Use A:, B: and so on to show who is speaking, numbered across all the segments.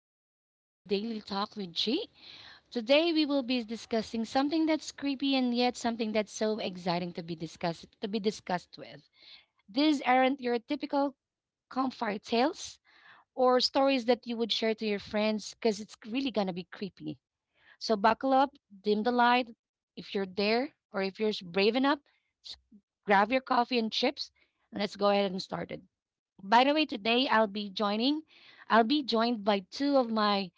A: and welcome to Daily Talk with G. Today, we will be discussing something that's creepy and yet something that's so exciting to be discussed with. These aren't your typical campfire tales or stories that you would share to your friends because it's really gonna be creepy. So buckle up, dim the light if you're there, or if you're brave enough, s- grab your coffee and chips, and let's go ahead and start it. By the way, today I'll be joined by two of my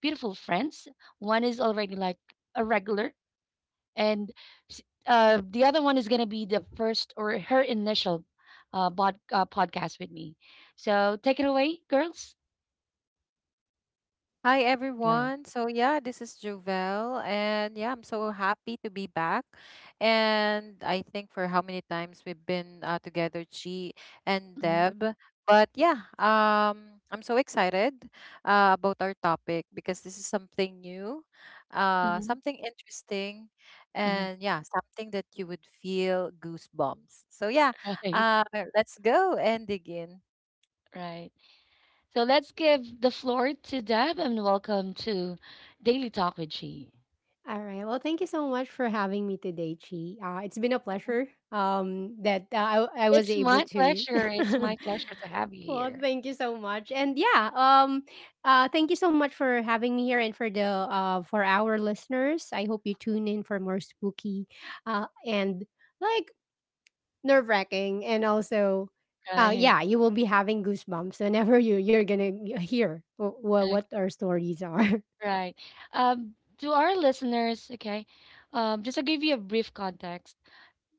A: beautiful friends. One is already like a regular, and s- the other one is going to be the first or her initial podcast with me. So take it away, girls.
B: Hi
C: Alright.
B: everyone. So yeah, this is Jovel and yeah, I'm so happy to be back. And I think for how many times we've been together, Chi and
A: Mhm,
B: Deb. But yeah, I'm so excited about our topic because this is something new,
A: mhm,
B: something interesting
A: mhm.
B: and yeah, something that you would feel goosebumps. So yeah,
A: Right,
B: uh let's go and dig in.
A: right. So let's give the floor to Deb and welcome to Daily Talk with She.
C: Alright, well, thank you so much for having me today, Chi. It's been a pleasure that I was
A: It's
C: able
A: my
C: to.
A: pleasure. It's my pleasure to have you
C: Well,
A: here.
C: thank you so much, and yeah, thank you so much for having me here, and for our listeners. I hope you tune in for more spooky, and, like, nerve wracking, and also.
A: Right.
C: Yeah, you will be having goosebumps whenever you're gonna hear what our stories are.
A: Right. Um, to our listeners, okay, just to give you a brief context,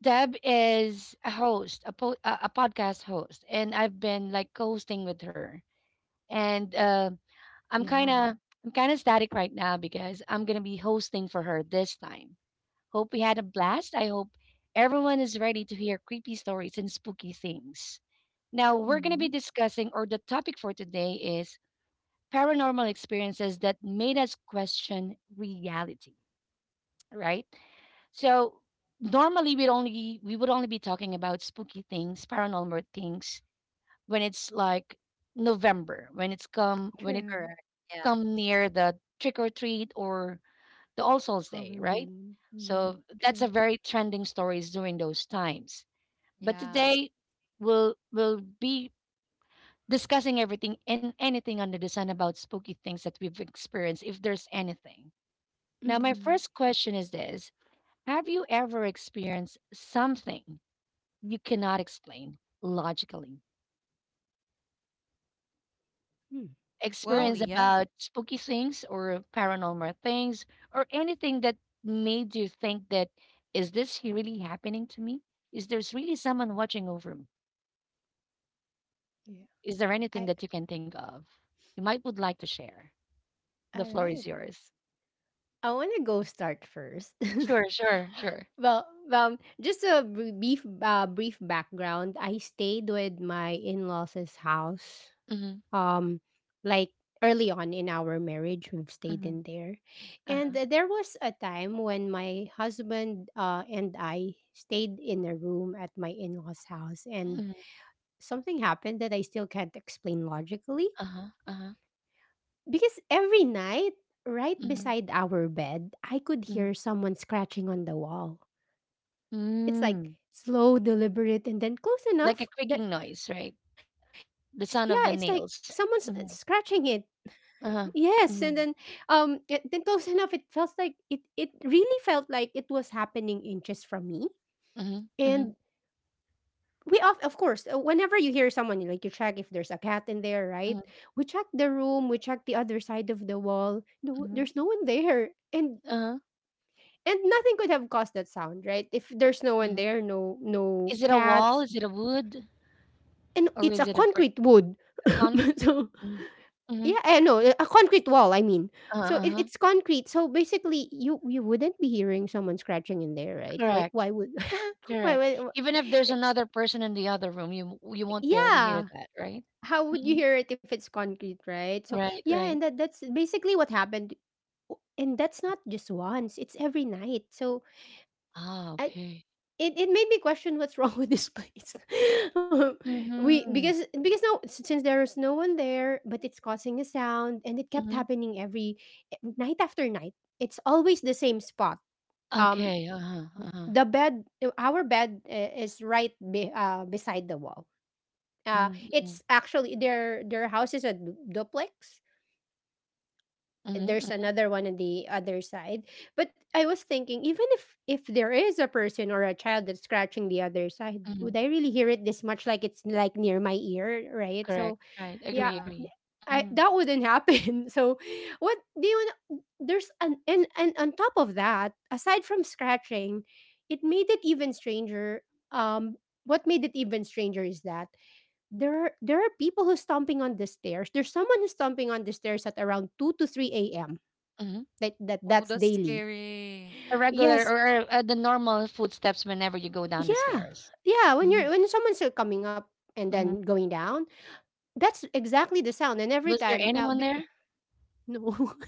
A: Deb is a host, a podcast host, and I've been like co-hosting with her. And
C: Yeah.
A: I'm kind of I'm kind of static right now because I'm gonna be hosting for her this time. Hope we had a blast. I hope everyone is ready to hear creepy stories and spooky things. Now we're gonna
C: Mhm.
A: be discussing, or the topic for today is paranormal experiences that made us question reality, right? So normally we would only be talking about spooky things, paranormal things when it's like November, when it's come when it
C: True.
B: Correct. Yeah.
A: come near the trick or treat or the All Souls Day, right?
C: Halloween. Mm.
A: So that's
C: True.
A: a very trending stories during those times. But
B: Yeah.
A: today we'll be discussing everything and anything under the sun about spooky things that we've experienced, if there's anything. Now, my
C: Mm,
A: first question is this: have you ever experienced something you cannot explain logically?
C: mm, yeah.
B: Well,
A: Experience
B: yeah.
A: about spooky things or paranormal things or anything that made you think that really happening to me? Is there's really someone watching over me?
C: Yeah.
A: Is there
C: I
A: anything that you can think of? You might would like to share. The
C: all
A: floor is
C: right.
A: yours.
C: I want to go start first.
A: Sure, sure, sure.
C: Well, just a brief background. I stayed with my in-laws' house.
A: Mhm,
C: Um, like early on in our marriage, we've stayed
A: mhm,
C: in there, and
A: uh-huh,
C: there was a time when my husband and I stayed in a room at my in-laws' house, and
A: mhm,
C: something happened that I still can't explain logically.
A: uh-huh, uh-huh,
C: Because every night, right
A: mhm,
C: beside our bed, I could
A: mhm.
C: hear someone scratching on the wall. It's like
A: Mm,
C: slow, deliberate, and then close
A: like
C: enough
A: a
C: that,
A: creaking noise, right?
C: yeah, it's like
A: The sound
C: someone's
A: of the nails.
C: scratching it.
A: Mhm,
C: Yes, and then
A: uh-huh, mhm,
C: then close enough. It felt like it. It really felt like it was happening inches from me.
A: mhm,
C: And
A: mhm,
C: we of course, whenever you hear someone, you like you check if there's a cat in there, right?
A: mhm,
C: We check the room. We check the other side of the wall. No,
A: mhm,
C: there's no one there. And
A: uh-huh,
C: And nothing could have caused that sound, right? If there's no one
A: mhm.
C: there, no
A: Is it a wall?
C: cats,
A: Is it a wood?
C: and
A: Or
C: it's a
A: is it a brick,
C: concrete wood.
A: a concrete?
C: So
A: Mhm, mhm,
C: yeah, I know, a concrete wall, I mean. so
A: uh-huh,
C: it,
A: uh-huh.
C: it's concrete. So basically, you wouldn't be hearing someone scratching in there, right? Why
A: Correct,
C: why would why
A: correct.
C: would
A: Even if there's
C: Eh,
A: another person in the other room, you won't barely hear
C: yeah,
A: that, right?
C: how would you
A: Mhm,
C: hear it if it's concrete, right? So,
A: right,
C: yeah,
A: right.
C: and that's basically what happened. And that's not just once, it's every night, so
A: Ah,
C: I,
A: okay.
C: it made me question what's wrong with this place. Um, we
A: Mm-hmm.
C: Because now since there's no one there, but it's causing a sound, and it kept
A: Mm-hmm.
C: happening every, night after night. It's always the same spot. Um,
A: Okay. Uh-huh. Uh-huh.
C: our bed is right beside the wall.
A: Mhm,
C: It's
A: mhm,
C: actually their house is a duplex,
A: mhm,
C: there's
A: mm,
C: another one on the other side. But I was thinking, even if there is a person or a child that's scratching the other side,
A: mhm.
C: would I really hear it this much? Like it's like near my ear, right? So,
A: Correct. Right.
C: yeah,
A: Agree,
B: Yeah.
A: agree.
C: I
A: Mhm,
C: that wouldn't happen. So, what do you? Kn- There's an and on top of that, aside from scratching, it made it even stranger. Um, what made it even stranger is that there are people who's stomping on the stairs. There's someone who's stomping on the stairs at around 2 to 3 a.m.
A: mhm.
B: Oh,
C: That's
B: that's
C: daily.
B: scary.
A: A regular
C: Yes,
A: or the normal footsteps whenever you go down the
C: yeah,
A: stairs.
C: yeah.
A: Mhm,
C: When someone's still coming up and then
A: mhm.
C: going down, that's exactly the sound. And every
A: Was there
C: time,
A: anyone there?
C: no,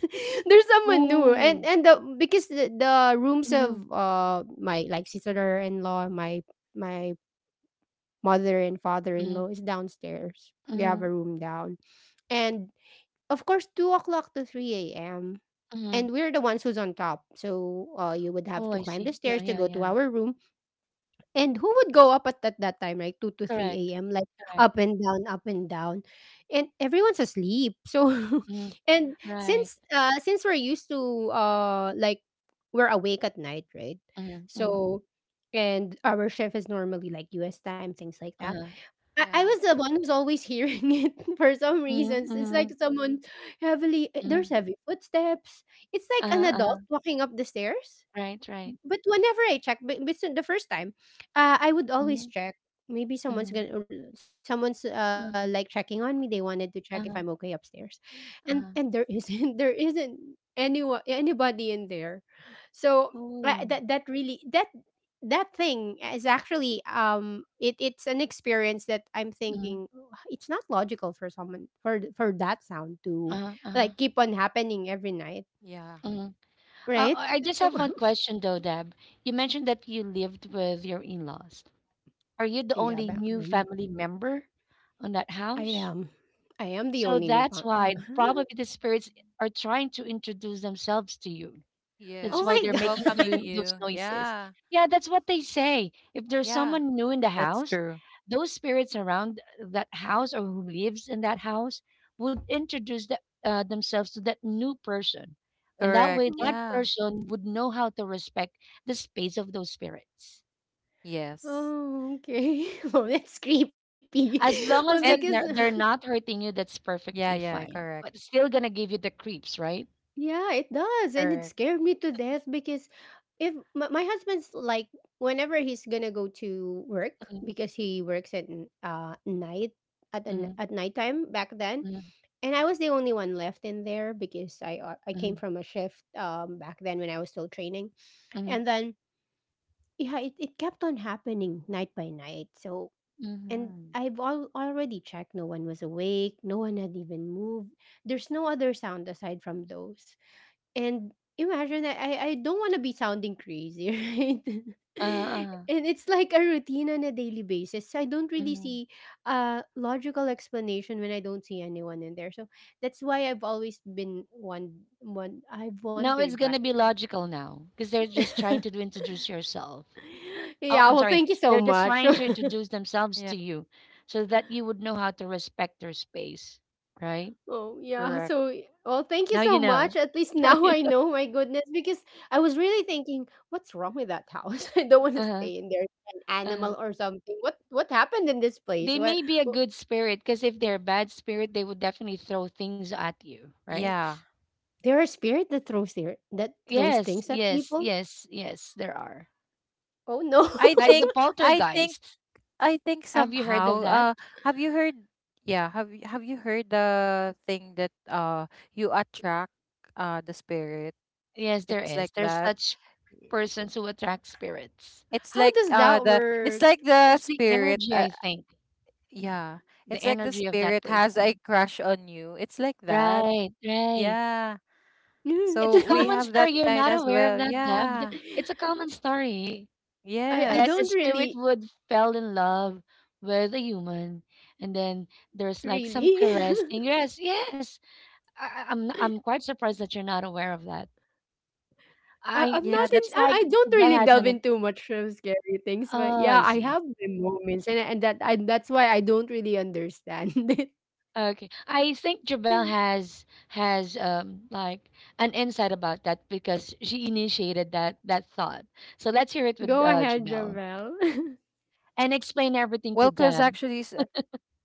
C: there's someone new. And
A: Oh.
C: and the because the, the rooms
A: Mhm,
C: of, my, like, sister-in-law, my mother and
A: mhm,
C: father-in-law is downstairs. They have
A: mhm,
C: a room down. And, of course, 2 o'clock to 3 AM.
A: mhm.
C: And we're the ones who's on top. So, you would have
A: Oh,
C: to
A: I
C: climb
A: see.
C: the
A: Yeah,
C: stairs to
A: yeah,
C: go to
A: yeah.
C: our room. And who would go up at that time, right? 2 to
A: Correct.
C: 3 a.m., like
A: Correct.
C: up and down, up and down. And everyone's asleep. So,
A: Mhm.
C: and
A: Right.
C: since we're used to, like, we're awake at night, right?
A: Mhm, mhm.
C: So, and our shift is normally like US time, things like that.
A: Uh-huh.
C: I
B: Yeah.
C: was the one who's always hearing it for some
A: Mhm,
C: reasons. It's like
A: mhm,
C: someone heavily,
A: mhm.
C: there's heavy footsteps. It's
A: Uh-huh,
C: like an
A: uh-huh.
C: adult walking up the stairs.
A: Right, right.
C: But whenever I check, but so the first time, I would always
A: Mhm,
C: check. Maybe someone's
A: mhm.
C: gonna, or someone's like checking
A: Uh-huh,
C: on me. They wanted to check if I'm okay
A: uh-huh,
C: upstairs, and there
A: uh-huh.
C: isn't there isn't anyone anybody in there, so
A: Oh.
C: that that really that that thing is actually it's an experience that I'm
A: Mhm,
C: thinking, "Oh, it's not logical for someone for that sound to
A: uh-huh, uh-huh.
C: like keep on happening every night,"
B: Yeah.
A: Mm-hmm. Uh,
C: right?
A: I I just have one question though, Deb. You mentioned that you lived with your in-laws. Are you the
C: Yeah,
A: only
C: back
A: new
C: then.
A: family member on that
C: I
A: house?
C: am. I am the
A: So
C: only new newbo-
A: that's why probably the spirits are trying to introduce themselves to you.
C: Oh
A: That's why
B: Yes.
C: my
A: they're making
C: God.
B: Welcoming
A: those
B: you.
A: noises.
B: Yeah.
A: Yeah, that's what they say. If there's
B: Yeah.
A: someone new in the
B: That's
A: house,
B: true.
A: those spirits around that house or who lives in that house would introduce themselves to that new person. And that
B: Correct.
A: way, that
B: Yeah.
A: person would know how to respect the space of those spirits.
B: Yes.
C: Oh, okay. Oh, that's creepy.
A: As
C: Well,
A: long
C: because
A: as that
B: And
A: they're not hurting you, that's perfectly
B: yeah, yeah,
A: fine.
B: correct.
A: But it's still gonna give you the creeps, right?
C: yeah, it does, and it
B: Correct.
C: scared me to death because if my husband's like, whenever he's gonna go to work
A: Mm-hmm,
C: because he works at night at nighttime back then,
A: mm-hmm,
C: and I was the only one left in there because I
A: mm-hmm,
C: came from a shift, back then when I was still training,
A: mm-hmm,
C: and then, yeah, it kept on happening night by night. So, and
A: mm-hmm.
C: I've already checked. No one was awake. No one had even moved. There's no other sound aside from those. And imagine, I don't want to be sounding crazy, right?
A: Uh, uh,
C: And it's like a routine on a daily basis. So I don't really
A: mhm.
C: see a logical explanation when I don't see anyone in there. So that's why I've always been one I've
A: No, it's
C: wondered by.
A: gonna be logical now because they're just trying to do introduce yourself. Oh,
C: Yeah,
A: I'm
C: well,
A: sorry.
C: thank you so
A: They're just
C: much.
A: trying to introduce themselves
B: Yeah,
A: to you so that you would know how to respect their space, right?
C: Oh, yeah.
B: correct.
C: So, well, thank you
A: Now you
C: so much.
A: know.
C: At least,
A: Now
C: now
A: you
C: I
A: know.
C: know, my goodness, because I was really thinking, what's wrong with that house? I don't want to
A: Uh-huh.
C: stay in there. An
A: Uh-huh.
C: animal or something. What happened in this place?
A: They may be a
C: Wh-
A: good spirit because if they're a bad spirit, they would definitely throw things at you, right?
B: Yeah.
C: there are spirit that throws there that throws
A: Yes,
C: things at
A: yes,
C: people?
A: yes, yes, there are.
C: Oh no.
B: I
A: Like the
B: think I think
A: poltergeist.
B: I think
A: Have you heard of
B: somehow
A: that?
B: have you heard yeah, have you heard the thing that you attract the spirit?
A: Yes, there
B: It's
A: is.
B: like
A: There's
B: that.
A: such
B: Y-
A: persons who attract spirits.
C: How does that
B: It's
C: work?
B: like the
A: It's the
B: spirit.
A: energy,
B: uh,
A: I think.
B: Yeah.
A: The
B: It's like the
A: energy of that
B: spirit has a
A: person.
B: crush on you. It's like that.
A: Right, right.
B: Yeah.
A: It's a
B: So we
A: common
B: have that
A: story. You're
B: kind
A: not
B: as
A: aware of
B: well.
A: that, Deb.
B: Yeah.
A: It's a common story
C: I
A: that
B: Yes.
A: the
C: don't
A: spirit
C: really
A: would fell in love with a human, and then there's
C: really
A: like some caressing. Yes, yes. I'm quite surprised that you're not aware of that.
C: I I'm not
A: I
C: in
A: it
B: Yeah,
A: seems
B: that's
C: I
A: like
C: don't really
A: Belle
C: delve
A: has an. Ex-
C: into much of scary things, but
A: Oh,
C: yeah,
A: I
C: I
A: see.
C: have my moments, and that's why I don't really understand it.
A: Okay, I think Jabel has like an insight about that because she initiated that thought. So let's hear it with
C: Go ahead,
A: Jabel
C: Javel.
A: and
B: well,
A: explain
B: cause
A: everything to
B: actually,
A: Deb.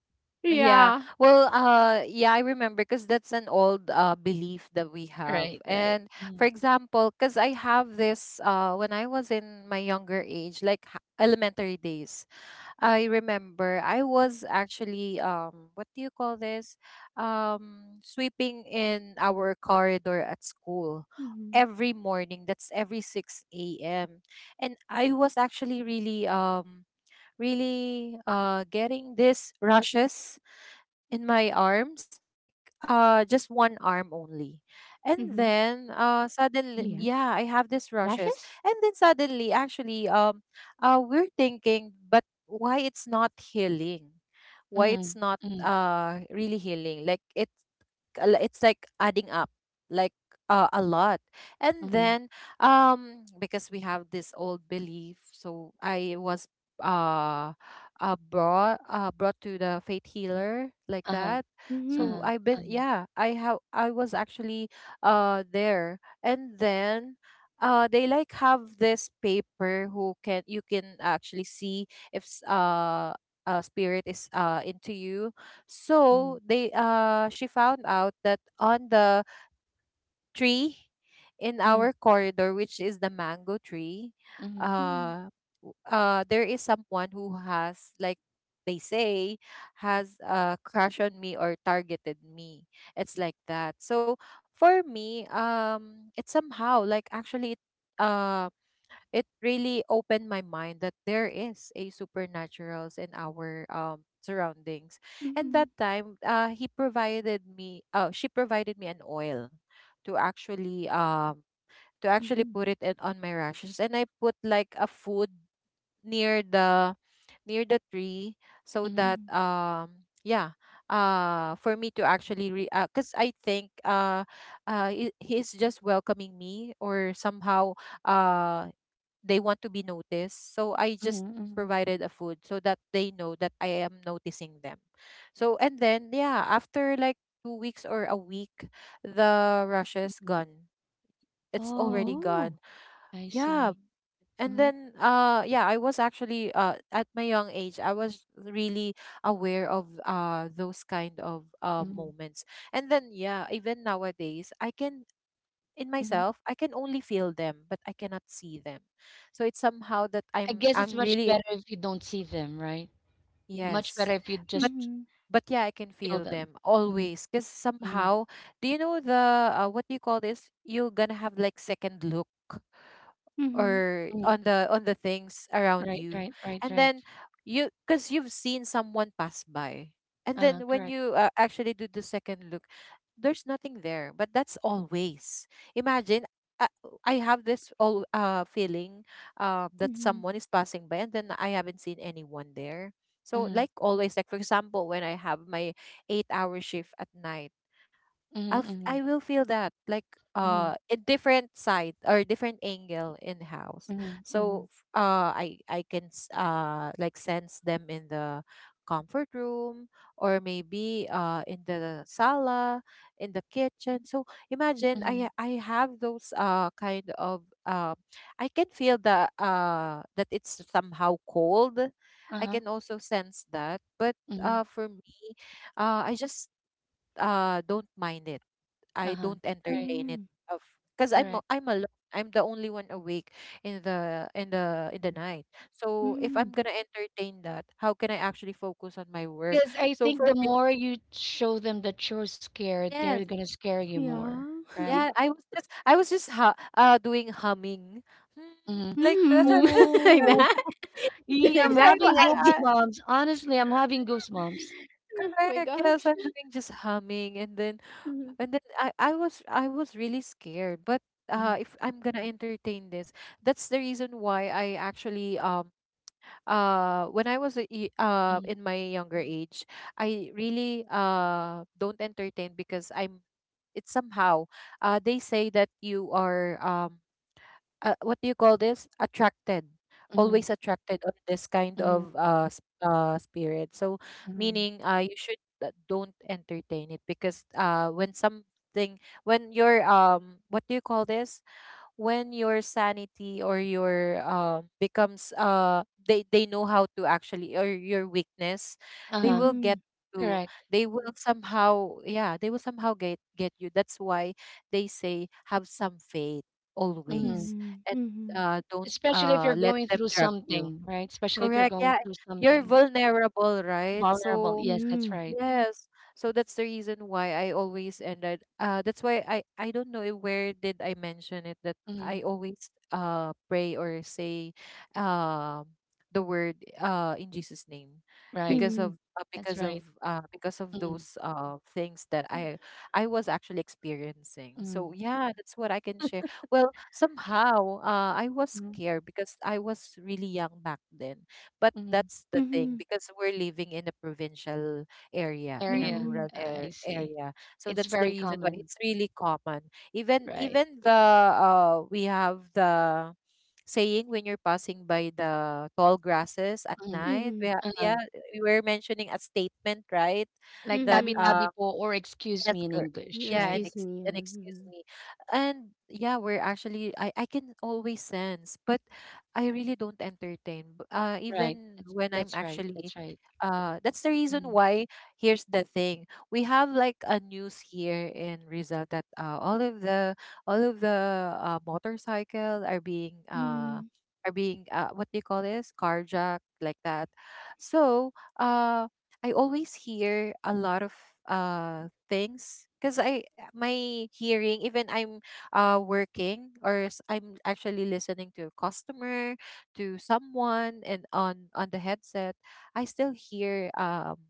B: yeah. Well,
C: Yeah.
B: yeah, I remember, cause that's an old belief that we have.
A: Right,
B: And
A: right.
B: for
A: Mm-hmm.
B: example, cause I have this when I was in my younger age, like elementary days. I remember I was actually what do you call this? Sweeping in our corridor at school
C: Mm-hmm.
B: every morning. That's every 6 a.m. And I was actually really really getting this rushes in my
C: Mm-hmm.
B: arms, like just one
C: Yes.
B: arm only. And
C: Rashes?
B: then suddenly
A: Mm-hmm.
B: yeah, I have these rushes. And then suddenly actually we're thinking, but why it's not healing? Why
A: Mm-hmm.
B: it's not really healing? Like it it's like adding up like a lot. And
A: Mm-hmm.
B: then because we have this old belief, so I was uh, brought to the faith healer, like
A: Uh-huh.
B: that.
C: Mm-hmm.
B: So
A: Uh-huh.
B: I've been,
A: Uh-huh.
B: yeah, I have, I was actually there. And then they like have this paper who can, you can actually see if a spirit is into you.
A: Mm-hmm.
B: So they, she found out that on the tree in
A: Mm-hmm.
B: our corridor, which is the mango tree,
A: Mm-hmm.
C: Mm-hmm.
B: uh there is someone who has like, they say, has a crush on me or targeted me. It's like that. So for me, it's somehow like actually it, it really opened my mind that there is a supernaturals in our surroundings. And
C: Mm-hmm.
B: that time he provided me she provided me an oil to actually um to actually
C: Mm-hmm.
B: put it in, on my rashes, and I put like a food near the near the tree so
A: Mm-hmm.
B: that,
C: Mm-hmm.
B: yeah, for me to actually re cuz I think he's just welcoming me or somehow uh they want to be noticed. So I just
A: Mm-hmm.
B: provided a food so that they know that I am noticing them. So and then yeah, after like 2 weeks or a week, the rush is
A: Mm-hmm.
B: gone. It's
A: Oh,
B: already
C: Oh.
B: gone.
A: I
B: Yeah.
A: see.
B: And
A: Mm-hmm.
B: then yeah, I was actually at my young age, I was really aware of those kind of
A: Mm-hmm.
B: moments. And then yeah, even nowadays I can, in
A: Mm-hmm.
B: myself I can only feel them, but I cannot see them. So it's somehow that
A: I
B: i'm
A: guess it's
B: i'm
A: much
B: really.
A: better if you don't see them, right? Much
B: Yes,
A: better if you
B: but
A: just
C: Mm-hmm.
B: but yeah, I can
A: feel
B: feel
A: them.
B: them
A: Hmm.
B: always because somehow, do you know the what do you call this, you're gonna have like second look
C: Mm-hmm.
B: or
A: Mm,
B: on the things around
A: right,
B: you,
A: right, right,
B: and
A: right.
B: then you, because you've seen someone pass by, and then when
A: Correct.
B: you actually do the second look, there's nothing there, but that's always, imagine, uh, I have this all feeling, that
C: Mm-hmm.
B: someone is passing by and then I haven't seen anyone there. So
A: Mm,
B: like always, like for example, when I have my 8 hour shift at night,
A: mm,
B: I'll
A: mm,
B: I will feel that like
A: mm,
B: a different side or different angle in house.
A: mm,
B: So I can like sense them in the comfort room, or maybe in the sala, in the kitchen. So imagine
A: mm,
B: I have those kind of I can feel the that it's somehow cold. I
A: uh-huh,
B: can also sense that, but
A: mm,
B: for me, I just don't mind it. I
A: uh-huh.
B: don't
A: Right,
B: entertain it
C: Mm-hmm.
B: of because I'm
A: correct.
B: a- I'm alone. I'm the only one awake in the in the in the night. So if I'm
C: Mm-hmm.
B: gonna entertain that, how can I actually focus on my work?
A: Because I
B: So
A: think
B: for
A: the
B: me,
A: more you show them that you're scared, they're
B: yes,
A: gonna scare you more,
C: Yeah.
A: right?
B: yeah, I was just doing humming
A: Mm-hmm.
B: like that.
C: Mm. Like
A: Oh,
C: that?
A: yee,
C: That's
A: I'm
B: It's like
A: having
C: exactly I did.
A: goosebumps. Honestly, I'm having goosebumps.
C: Oh
B: I
C: my
B: guess
C: gosh.
B: I'm doing just humming,
C: Mhm.
B: and then I was really scared. But
A: Mm-hmm.
B: if I'm gonna entertain this, that's the reason why I actually when I was a
A: Mm-hmm.
B: in my younger age, I really don't entertain because I'm, it's somehow they say that you are what do you call this, attracted,
A: Mm-hmm.
B: always attracted of this kind of
A: Mm-hmm.
B: spirit. So
A: Mm-hmm.
B: meaning you should don't entertain it, because when something, when you're what do you call this, when your sanity or your becomes they know how to actually or your weakness, they
A: Uh-huh.
B: will get
C: Mhm.
B: to,
A: Correct.
B: they will somehow, yeah, they will somehow get you. That's why they say have some faith
A: Mm-hmm.
B: always, and
C: Mhm. Mhm.
B: don't
A: Especially if you're
B: let
A: going
B: them
A: through
B: drag you.
A: something, right? Especially if you're
B: Correct,
A: going
B: yeah,
A: through
B: you're
A: something.
B: vulnerable, right?
A: Vulnerable.
B: So
A: Yes, that's right.
B: yes. So that's the reason why I always ended. That's why I don't know if where did I mention it that
A: Mhm.
B: I always pray or say uh, the word in Jesus' name,
A: Right.
B: because of
C: Mhm.
B: uh,
A: That's
B: because of
A: right.
B: uh because of
A: Mhm.
B: those things that I was actually experiencing. So
A: Mhm.
B: yeah, that's what I can share. Well, somehow I was
A: Mhm.
B: scared because I was really young back then. But
A: Mhm.
B: that's
C: Mhm.
B: the thing,
C: Mhm.
B: because we're living in a provincial area, in a
A: Area.
B: rural
C: Mhm.
A: I
B: air,
A: see.
B: area. So
A: It's
B: that's the
A: very
B: reason why
A: common,
B: it's really common. Even
A: right?
B: even the we have the saying, when you're passing by the tall grasses at
A: Mhm.
B: night. We
C: Mhm.
B: yeah,
A: Uh-huh.
B: we were mentioning a statement, right?
A: Like
B: That
C: Mhm.
A: tabi-tabi
B: uh.
A: po or excuse
B: Yes,
A: me in
B: correct.
A: English,
C: Mm,
B: Yeah,
A: right?
B: and
C: excuse
B: ex
C: me,
B: and
C: yeah.
B: excuse me.
C: Mhm.
B: And yeah, we're actually, I can always sense, but I really don't entertain.
A: Right.
B: Even
A: That's
B: when I'm
A: that's right.
B: actually
A: That's right.
B: that's the reason
A: Mhm.
B: why, here's the thing. We have like a news here in Rizal that all of the motorcycle
C: Mhm.
B: are being what do you call this? Carjacked like that. So, uh, I always hear a lot of things because I my hearing, even I'm working or I'm actually listening to a customer, to someone and on the headset, I still hear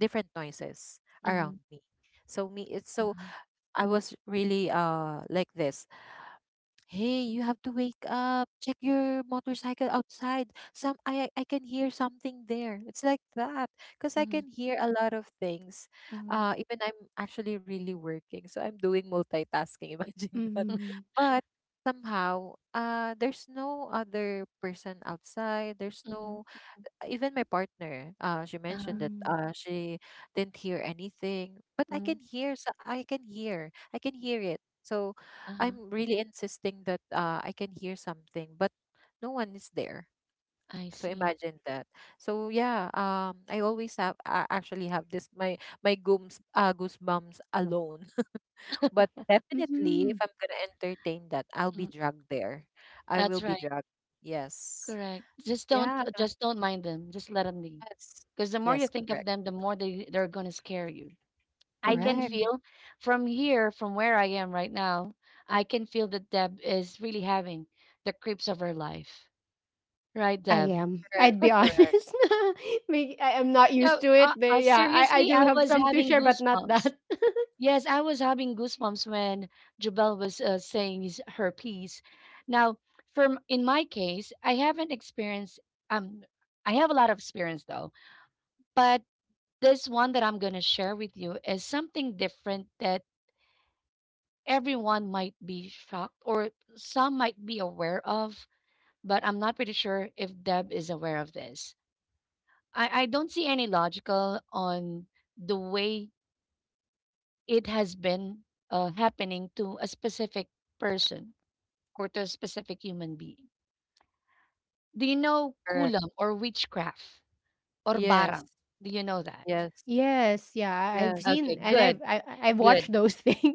B: different noises
A: Mhm.
B: around me. So me, it's so
A: Uh-huh.
B: I was really like this: hey, you have to wake up, check your motorcycle outside, some I can hear something there, it's like that, because I
A: Mhm.
B: can hear a lot of things,
A: Mhm.
B: even I'm actually really working, so I'm doing multitasking. Imagine that.
C: Mhm.
B: But somehow there's no other person outside, there's
A: Mhm.
B: no, even my partner, she mentioned
A: Uh-huh.
B: that she didn't hear anything, but I
A: Mhm.
B: can hear. So I can hear. I can hear it. So
A: Uh-huh.
B: I'm really insisting that I can hear something, but no one is there.
A: I
B: So
A: see.
B: imagine that. So yeah, I always have, I actually have this my my gooms goosebumps alone. But
C: Mhm.
B: definitely, if
C: Mhm.
B: I'm gonna entertain that, I'll be
A: Mhm.
B: dragged there. I
A: That's
B: will be
A: right.
B: dragged. Yes.
A: Correct.
B: Yeah.
A: Just don't mind them. Just let them be.
B: Yes.
A: Because the more you
B: Yes.
A: think of
B: Correct.
A: them, the more they're gonna scare you. I can
B: Correct,
C: Mhm.
A: feel from here, from where I am right now, I can feel that Deb is really having the creeps of her life. Right,
C: I
A: Deb?
C: am.
B: correct,
C: I'd be
B: correct,
C: honest. May- I am not used
A: No,
C: to it, but yeah, I
A: seriously,
C: do
A: I
C: have
A: was
C: some to
A: having
C: share, but not
A: goosebumps.
C: that.
A: Yes, I was having goosebumps when Jubel was saying her piece. Now, from in my case, I haven't experienced. Um, I have a lot of experience though, but this one that I'm gonna share with you is something different that everyone might be shocked or some might be aware of, but I'm not pretty sure if Deb is aware of this. I don't see any logical on the way it has been happening to a specific person or to a specific human being. Do you know
B: correct.
A: kulam or witchcraft or
B: Yes,
A: barang? Do you know that?
B: yes,
C: Yes, yeah, I've
B: yes.
C: seen and
A: Okay, good,
C: I've watched
A: good.
C: those things.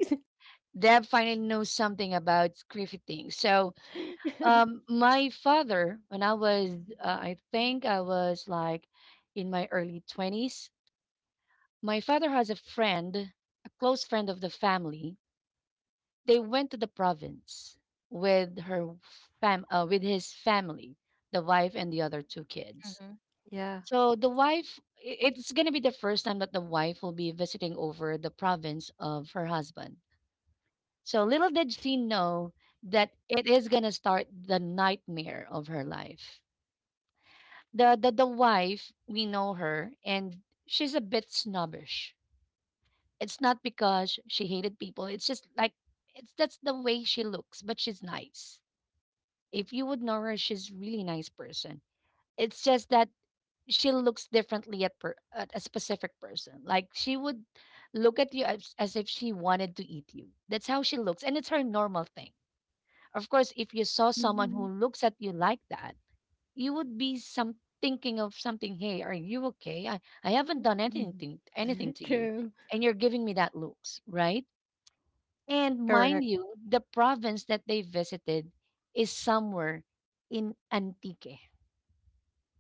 A: Deb finally knows something about griffithing. So um, my father, when I was, I think I was like in my early 20s, my father has a friend, a close friend of the family. They went to the province with with his family, the wife and the other two kids.
B: Mm-hmm. Yeah,
A: So the wife, it's gonna be the first time that the wife will be visiting over the province of her husband. So little did she know that it is gonna start the nightmare of her life. The wife, we know her, and she's a bit snobbish. It's not because she hated people, it's just like it's that's the way she looks, but she's nice. If you would know her, she's really nice person. It's just that she looks differently at, at a specific person, like she would look at you as if she wanted to eat you. That's how she looks and it's her normal thing. Of course if you saw someone who
C: Mhm.
A: looks at you like that you would be some thinking of something. Hey, are you okay? I haven't done
C: Mhm.
A: anything to you,
C: True.
A: and you're giving me that looks, right? And
B: correct.
A: mind you, the province that they visited is somewhere in Antique,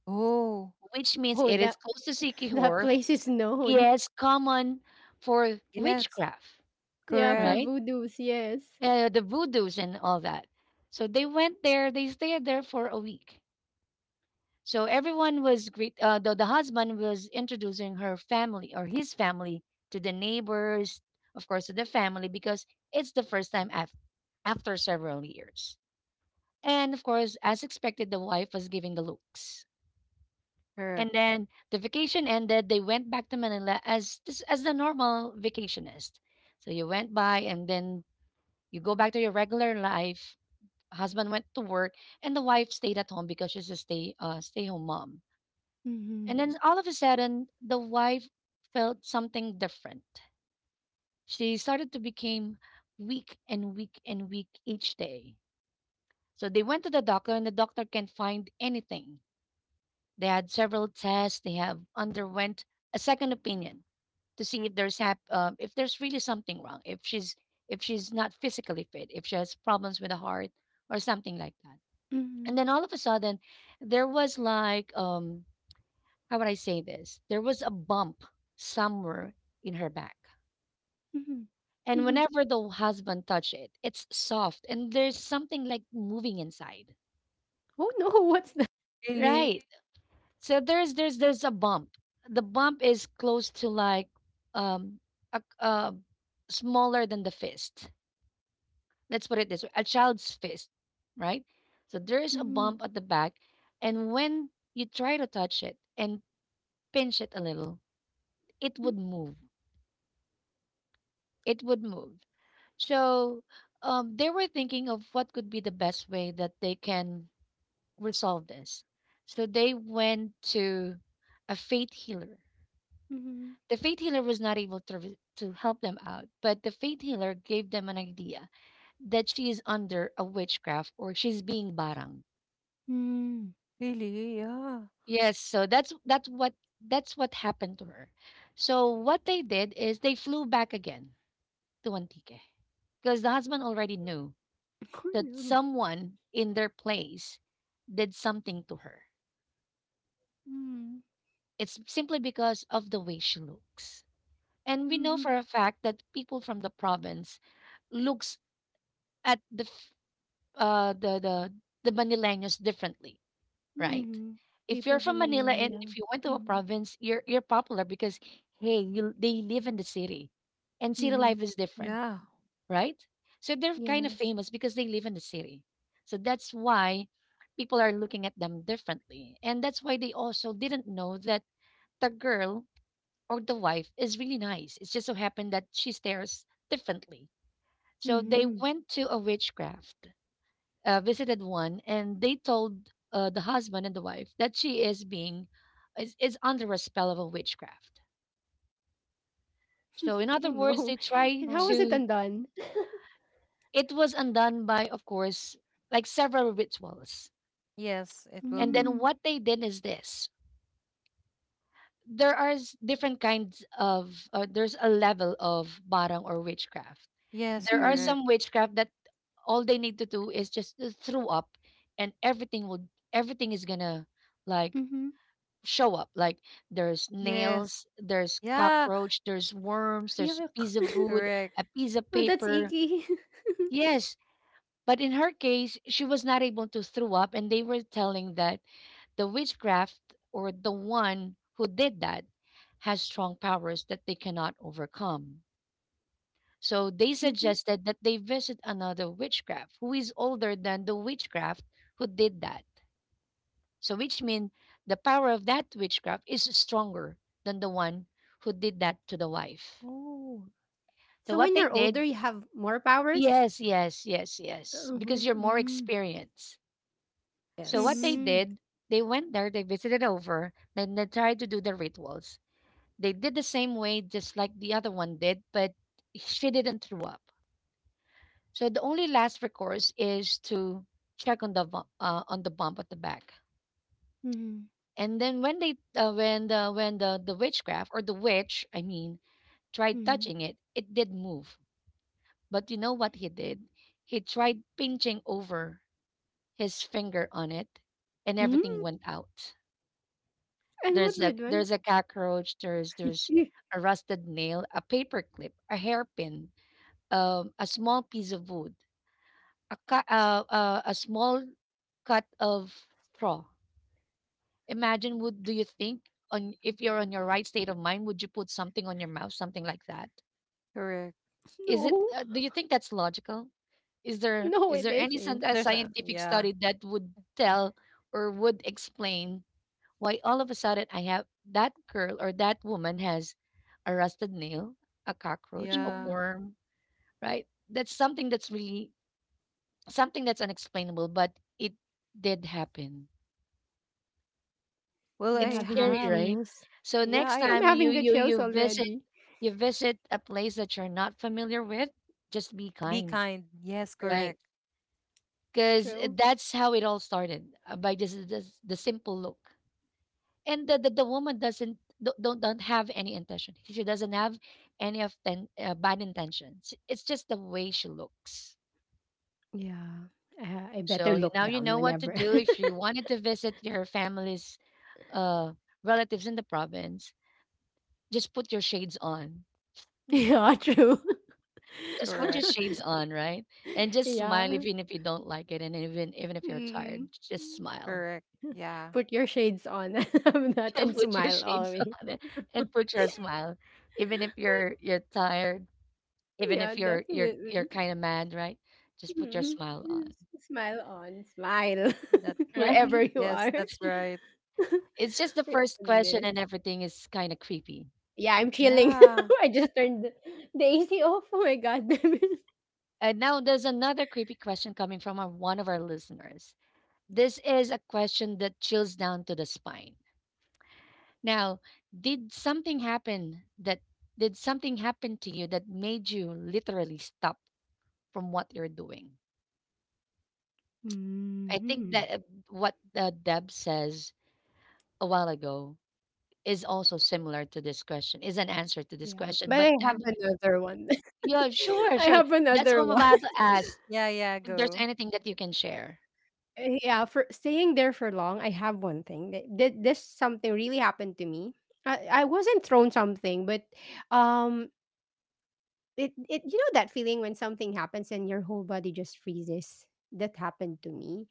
B: Oh,
A: which means
C: Oh,
A: it is
C: that,
A: close to
C: that place
A: Sikihor.
C: is known.
A: Yes, common for
B: yes,
A: witchcraft,
C: Yeah, for
B: correct,
A: right?
C: voodoos, yes.
A: The voodoos and all that. So they went there. They stayed there for a week. So everyone was greet. The husband was introducing her family or his family to the neighbors, of course, to the family because it's the first time after several years. And of course, as expected, the wife was giving the looks.
B: correct.
A: And then the vacation ended. They went back to Manila as this as the normal vacationist. So you went by, and then you go back to your regular life. Husband went to work, and the wife stayed at home because she's a stay home mom.
C: Mm-hmm.
A: And then all of a sudden, the wife felt something different. She started to become weak and weak and weak each day. So they went to the doctor, and the doctor can't find anything. They had several tests. They have underwent a second opinion to see if if there's really something wrong, if she's not physically fit, if she has problems with the heart or something like that.
C: Mm-hmm.
A: And then all of a sudden, there was like how would I say this? There was a bump somewhere in her back.
C: Mm-hmm. Mm-hmm.
A: And whenever the husband touched it, it's soft and there's something like moving inside.
C: Oh no, what's that?
B: Really,
A: Right. So there's a bump. The bump is close to like um a smaller than the fist. Let's put it this way, a child's fist, right? So there is a
C: Mm-hmm.
A: bump at the back, and when you try to touch it and pinch it a little, it would move. It would move. So they were thinking of what could be the best way that they can resolve this. So they went to a faith healer.
C: Mm-hmm.
A: The faith healer was not able to, to help them out, but the faith healer gave them an idea that she is under a witchcraft or she's being barang.
C: Mm-hmm.
B: really, yeah,
A: Yes, so that's what happened to her. So what they did is they flew back again to Antique because the husband already knew
C: Oh no.
A: that someone in their place did something to her.
C: Mm-hmm.
A: It's simply because of the way she looks. And we
C: Mm-hmm.
A: know for a fact that people from the province looks at the f- uh the the the Manileños differently, right?
C: Mm-hmm.
A: If
C: People
A: you're
C: from
A: from
C: Manila,
A: Manila and
C: yeah.
A: if you went to a
C: Mm-hmm.
A: province, you're popular because hey, you they live in the city, and city life
C: Mm-hmm.
A: is different,
C: True.
B: yeah.
A: right? So they're kind of
C: Yes.
A: famous because they live in the city. So that's why people are looking at them differently. And that's why they also didn't know that the girl or the wife is really nice. It just so happened that she stares differently. So they
C: Mm-hmm.
A: went to a witchcraft, visited one, and they told the husband and the wife that she is being is under a spell of a witchcraft.
C: Oh
A: So in
C: no.
A: other words,
C: And
A: they
C: how was it
A: try
B: Oh,
C: undone?
A: to it was undone by, of course, like several rituals.
B: yes, it will
A: And
B: do.
A: then
C: Mm-hmm.
A: what they did is this: there are different kinds of, there's a level of barang or witchcraft.
B: Yes,
A: There are
C: Mm-hmm.
B: correct.
A: some witchcraft that all they need to do is just to throw up, and everything is gonna like
C: Mm-hmm.
A: show up. Like there's nails,
B: Yes,
A: there's
B: yeah,
A: cockroach, there's worms, there's a
C: Yuck.
A: piece of wood,
B: correct.
A: a piece of
C: Oh, that's
A: paper.
C: icky.
A: Yes. But in her case, she was not able to throw up, and they were telling that the witchcraft or the one who did that has strong powers that they cannot overcome. So they
C: Mm-hmm.
A: suggested that they visit another witchcraft who is older than the witchcraft who did that. So, which means the power of that witchcraft is stronger than the one who did that to the wife.
C: Oh. So when you're
A: So, what
C: older,
A: they
C: you
A: did,
C: have more powers?
A: yes, yes, yes, yes,
C: Mhm,
A: because you're more
C: mm,
A: experienced. So what
B: Yes,
A: they
C: mhm,
A: did, they went there, they visited over, then they tried to do the rituals. They did the same way just like the other one did, but she didn't throw up. So the only last recourse is to check on the on the bump at the back.
C: mhm,
A: And then when they when the witchcraft or the witch, I mean, tried
C: mhm.
A: touching it, it did move. But you know what he did? He tried pinching over his finger on it, and
C: Hmm?
A: everything went out.
C: And
A: There's
C: what
A: a
C: did one?
A: there's a cockroach. There's a rusted nail, a paper clip, a hairpin, a small piece of wood, a small cut of straw. Imagine, would do you think on if you're on your right state of mind, would you put something on your mouth, something like that?
B: correct.
A: Is
C: No,
A: it? Do you think that's logical? Is there
C: no, it
A: is there any
C: isn't.
B: There's a
A: scientific
B: yeah,
A: study that would tell or would explain why all of a sudden I have that girl or that woman has a rusted nail, a cockroach, a
C: Mhm.
B: yeah.
A: worm, right? That's something that's really something that's unexplainable, but it did happen.
B: Well,
C: I'm
A: It's
B: I
C: having the
A: scary,
B: have.
A: right?
C: chills.
A: So
B: Yeah,
A: next
C: I'm
A: time
B: I
C: having
A: you
C: the
A: you
C: chills
A: you visit
C: already.
A: you visit a place that you're not familiar with, just be
B: be
A: kind,
B: kind. Yes,
A: right?
B: correct,
A: Because
C: True.
A: that's how it all started, by just the simple look, and the woman doesn't don't have any intention, she doesn't have any of ten, bad intentions, it's just the way she looks.
C: Yeah. I better
A: So you,
C: look
A: now you
C: down
A: know what to
C: whenever.
A: do if you wanted to visit your family's uh relatives in the province, just put your shades on.
C: Yeah, true.
A: just put your
B: correct,
A: shades on right, and just smile
C: Yeah.
A: even if you don't like it, and even if you're tired,
C: Mm.
A: just smile.
B: correct. Yeah,
C: Put your shades on, that and
A: Put your
C: smile
A: shades
C: always.
A: on, and put your smile even if you're tired. Even
C: Yeah,
A: if you're
C: definitely.
A: kind of mad, right? Just put your
C: Mm,
A: smile on,
C: s- smile on, smile
B: that.
A: right?
C: wherever you
B: Yes,
C: are.
B: that's right.
A: It's just the
C: My
A: first question
C: goodness.
A: and everything is kind of creepy.
C: Yeah, I'm chilling.
B: Yeah.
C: I just turned the AC off. Oh my God.
A: And now there's another creepy question coming from one of our listeners. This is a question that chills down to the spine. Now, did something happen that did something happen to you that made you literally stop from what you're doing? I think that
C: Mhm.
A: what Deb says a while ago is also similar to this question, is an answer to this
C: Yeah,
A: question.
C: but
A: But
C: I have
A: I'm
C: another one.
A: yeah, sure,
C: I
A: sure.
C: have
A: That's what I'm
C: another one.
A: about to ask.
B: Yeah, yeah,
A: If there's
B: go.
A: anything that you can share.
C: Yeah, for staying there for long, I have one thing. This something really happened to me. I wasn't thrown something, but um It it you know that feeling when something happens and your whole body just freezes? That happened to me.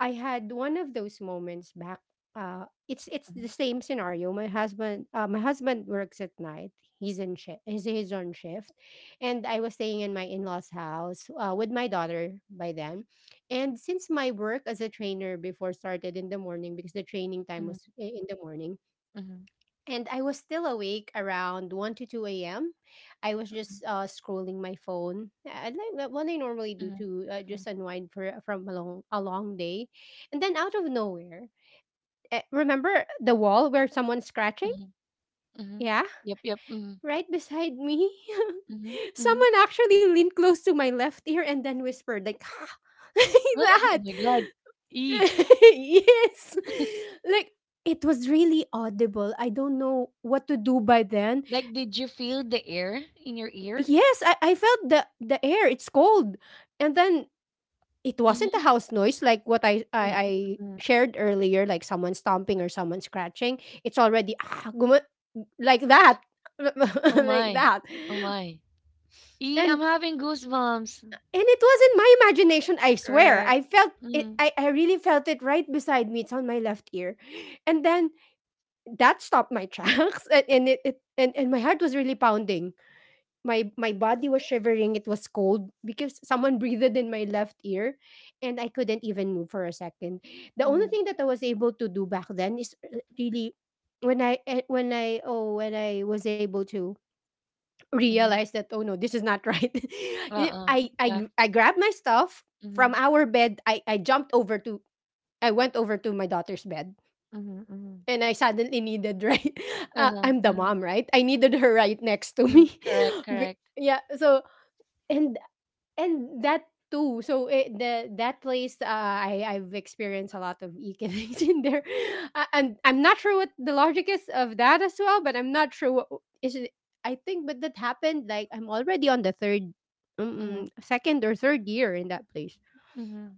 C: I had one of those moments back. It's
A: Mhm,
C: the same scenario. My husband works at night. He's on shift. And I was staying in my in-laws' house, with my daughter by then. And since my work as a trainer before started in the morning because the training time
A: mhm,
C: was in the morning
A: mhm,
C: and I was still awake around 1 to 2 a.m. I was
A: mhm,
C: just scrolling my phone. I like that, what I normally do
A: mhm,
C: to,
A: mhm,
C: just unwind for from a long day. And then, out of nowhere, remember the wall where someone's scratching?
A: mhm, mhm.
C: Yeah,
A: Yep, yep.
C: right
A: Mhm,
C: beside me.
A: mhm,
C: Someone
A: mhm.
C: actually leaned close to my left ear and then whispered, like, "Ah," like
A: Ah,
C: that.
A: oh my God. E.
C: Yes. Like it was really audible. I don't know what to do by then.
A: Like, did you feel the air in your ear?
C: Yes, I felt the air, it's cold. And then it wasn't a
A: Mhm,
C: house noise like what I I,
A: mm,
C: I
A: mm, mm.
C: shared earlier, like someone stomping or someone scratching. It's already like that.
A: Oh
C: Like
A: my.
C: that.
A: Oh my. E, I'm
C: And
A: having goosebumps.
C: and it wasn't my imagination, I swear.
B: Correct.
C: I felt it.
A: Mm,
C: I really felt it right beside me. It's on my left ear. And then that stopped my tracks. And it and my heart was really pounding. My body was shivering. It was cold because someone breathed in my left ear, and I couldn't even move for a second. The only
A: mm,
C: thing that I was able to do back then is really, when I was able to
A: mm.
C: realize that, oh no, this is not right. You know,
A: Uh-uh.
C: i i
A: Yep.
C: gr- i grabbed my stuff from
A: Mm-hmm.
C: our bed. I went over to my daughter's bed,
A: Mm-hmm. Mm-hmm.
C: and I suddenly needed, right,
A: Uh-huh.
C: I'm the
A: Uh-huh.
C: mom, right? I needed her right next to
A: Mm,
C: me.
A: correct, correct.
C: Yeah, so. And that too. So it, the that place, I've experienced a lot of icky things in there, and I'm not sure what the logic is of that as well. But I'm not sure what is it. I think, but that happened. Like I'm already on the
A: Mhm,
C: second or third year in that place,
A: mhm.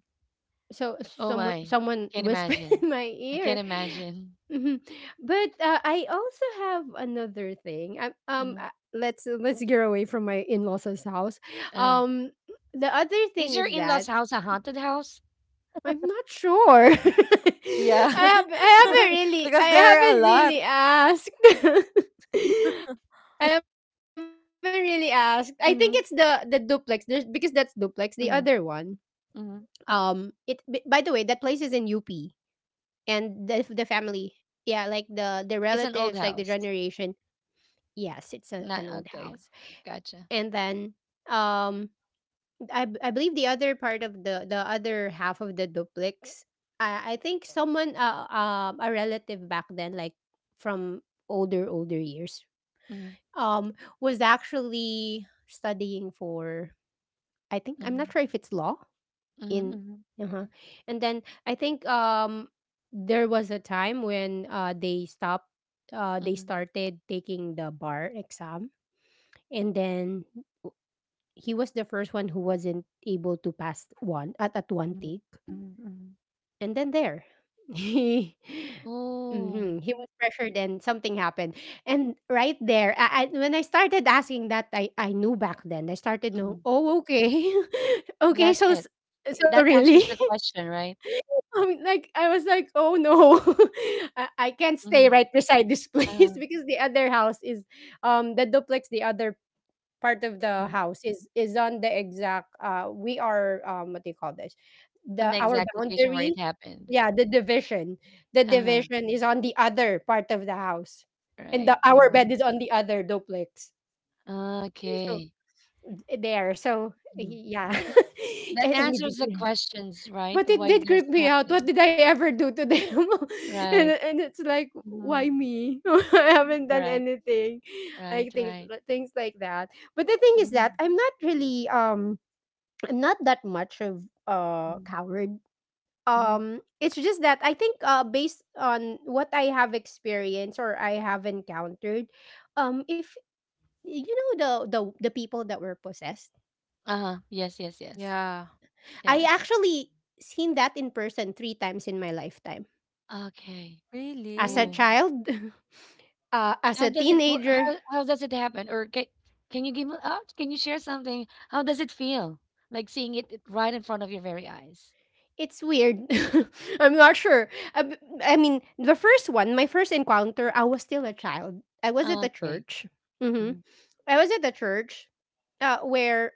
C: so
A: Oh
C: someone
A: my,
C: someone
A: can't
C: whispered
A: imagine.
C: in my
A: I
C: ear.
A: can't imagine.
C: Mhm. But I also have another thing.
A: Mhm,
C: Let's get away from my in-laws' house.
A: uh-huh.
C: um the other thing
A: Is your
C: is
A: in-laws'
C: that
A: house a haunted house?
C: I'm not sure.
B: Mm, yeah.
C: I haven't really i
B: Because there are a
C: haven't
B: lot.
C: really asked. I haven't really asked I think it's the duplex. There's
A: Hmm,
C: Because that's duplex, the other one.
A: hmm, hmm.
C: By the way, that place is in UP, and the family, yeah, like the relatives, like the
A: It's an old
C: generation.
A: house.
C: Yes, it's an old
A: Not
C: house.
A: okay.
C: And
A: Gotcha.
C: then, um I believe the other part of the other half of the duplex, I think someone, a relative back then, like from older years,
A: Hmm,
C: um was actually studying for, I think, I'm not
A: hmm,
C: sure if it's law,
A: hmm,
C: in...
A: hmm,
B: Mhm.
C: uh-huh. And then I think, there was a time when, they stopped, they
A: hmm,
C: started taking the bar exam. And then he was the first one who wasn't able to pass one at one take.
A: hmm, hmm.
C: And then there, he
A: Oh,
C: he was pressured and something happened. And right there, when I started asking that, I knew back then. I started
A: mhm.
C: know Oh, okay. Okay,
A: That's
C: so
A: it. It-
C: so
A: That
C: really.
A: answers your question, right?
C: I mean, like, I was like, oh no, I can't stay
A: Hmm.
C: right beside this place,
A: Uh-huh.
C: because the other house is, the duplex, the other part of the
A: Mhm.
C: house is on the exact. We are, what do you call this?
A: On
C: The,
A: the
C: our
A: exact location where it
C: boundary,
A: happened.
C: yeah, the division. The
A: Uh-huh.
C: division is on the other part of the house, and the,
A: Right.
C: our
B: Yeah.
C: bed
A: Mhm.
C: is on the other duplex. So
A: Okay.
C: there, so
A: Mm-hmm.
C: yeah,
A: That
C: and
A: answers
C: it...
A: the questions, right?
C: But it
A: Why
C: did creep
A: there's
C: me out. What
A: happening.
C: did I ever do to them? and
A: Right.
C: and it's like,
A: Hmm.
C: why me? I haven't done
A: Correct.
C: anything,
A: Right,
C: like things
A: right.
C: like, things like that. But the thing is that
A: Mm-hmm.
C: I'm not really, I'm not that much of a coward.
A: Hmm.
C: It's just that I think, based on what I have experienced or I have encountered, if you know the people that were possessed,
A: Uh-huh. Yes, yes, yes.
B: Yeah.
C: I
A: Yes.
C: actually seen that in person three times in my lifetime.
A: Okay.
C: As a
B: Really?
A: Oh,
C: child, as
A: how
C: a
A: does it work?
C: teenager,
A: How does it happen? Can you give me, oh, can you share something? How does it feel? Like seeing it it right in front of your very eyes.
C: it's weird. I'm not sure. I mean, the first one, my first encounter, I was still a child. I was at the
A: Okay.
C: church. hmm
A: Mhm.
C: I was at the church, where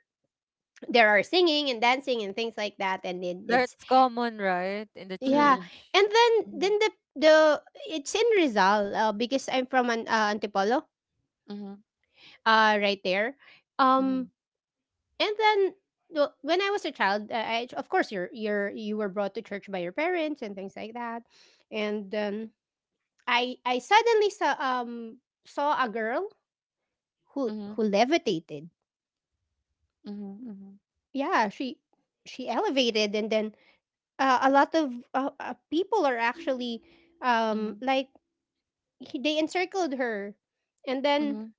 C: there are singing and dancing and things like that, and then
B: That's
C: it's...
B: common, right? In the
C: yeah,
A: Mm.
B: church.
C: and then the it's in Rizal, because I'm from an Antipolo,
A: Mhm,
C: right there. Um,
A: mhm,
C: And then, well, when I was a child, I, of course, you were brought to church by your parents and things like that. And, I suddenly saw, saw a girl who
A: mhm,
C: levitated.
A: mhm, mhm,
C: Yeah, she elevated. And then, a lot of, people are actually,
A: mhm, mhm,
C: like, they encircled her, and then
A: mhm,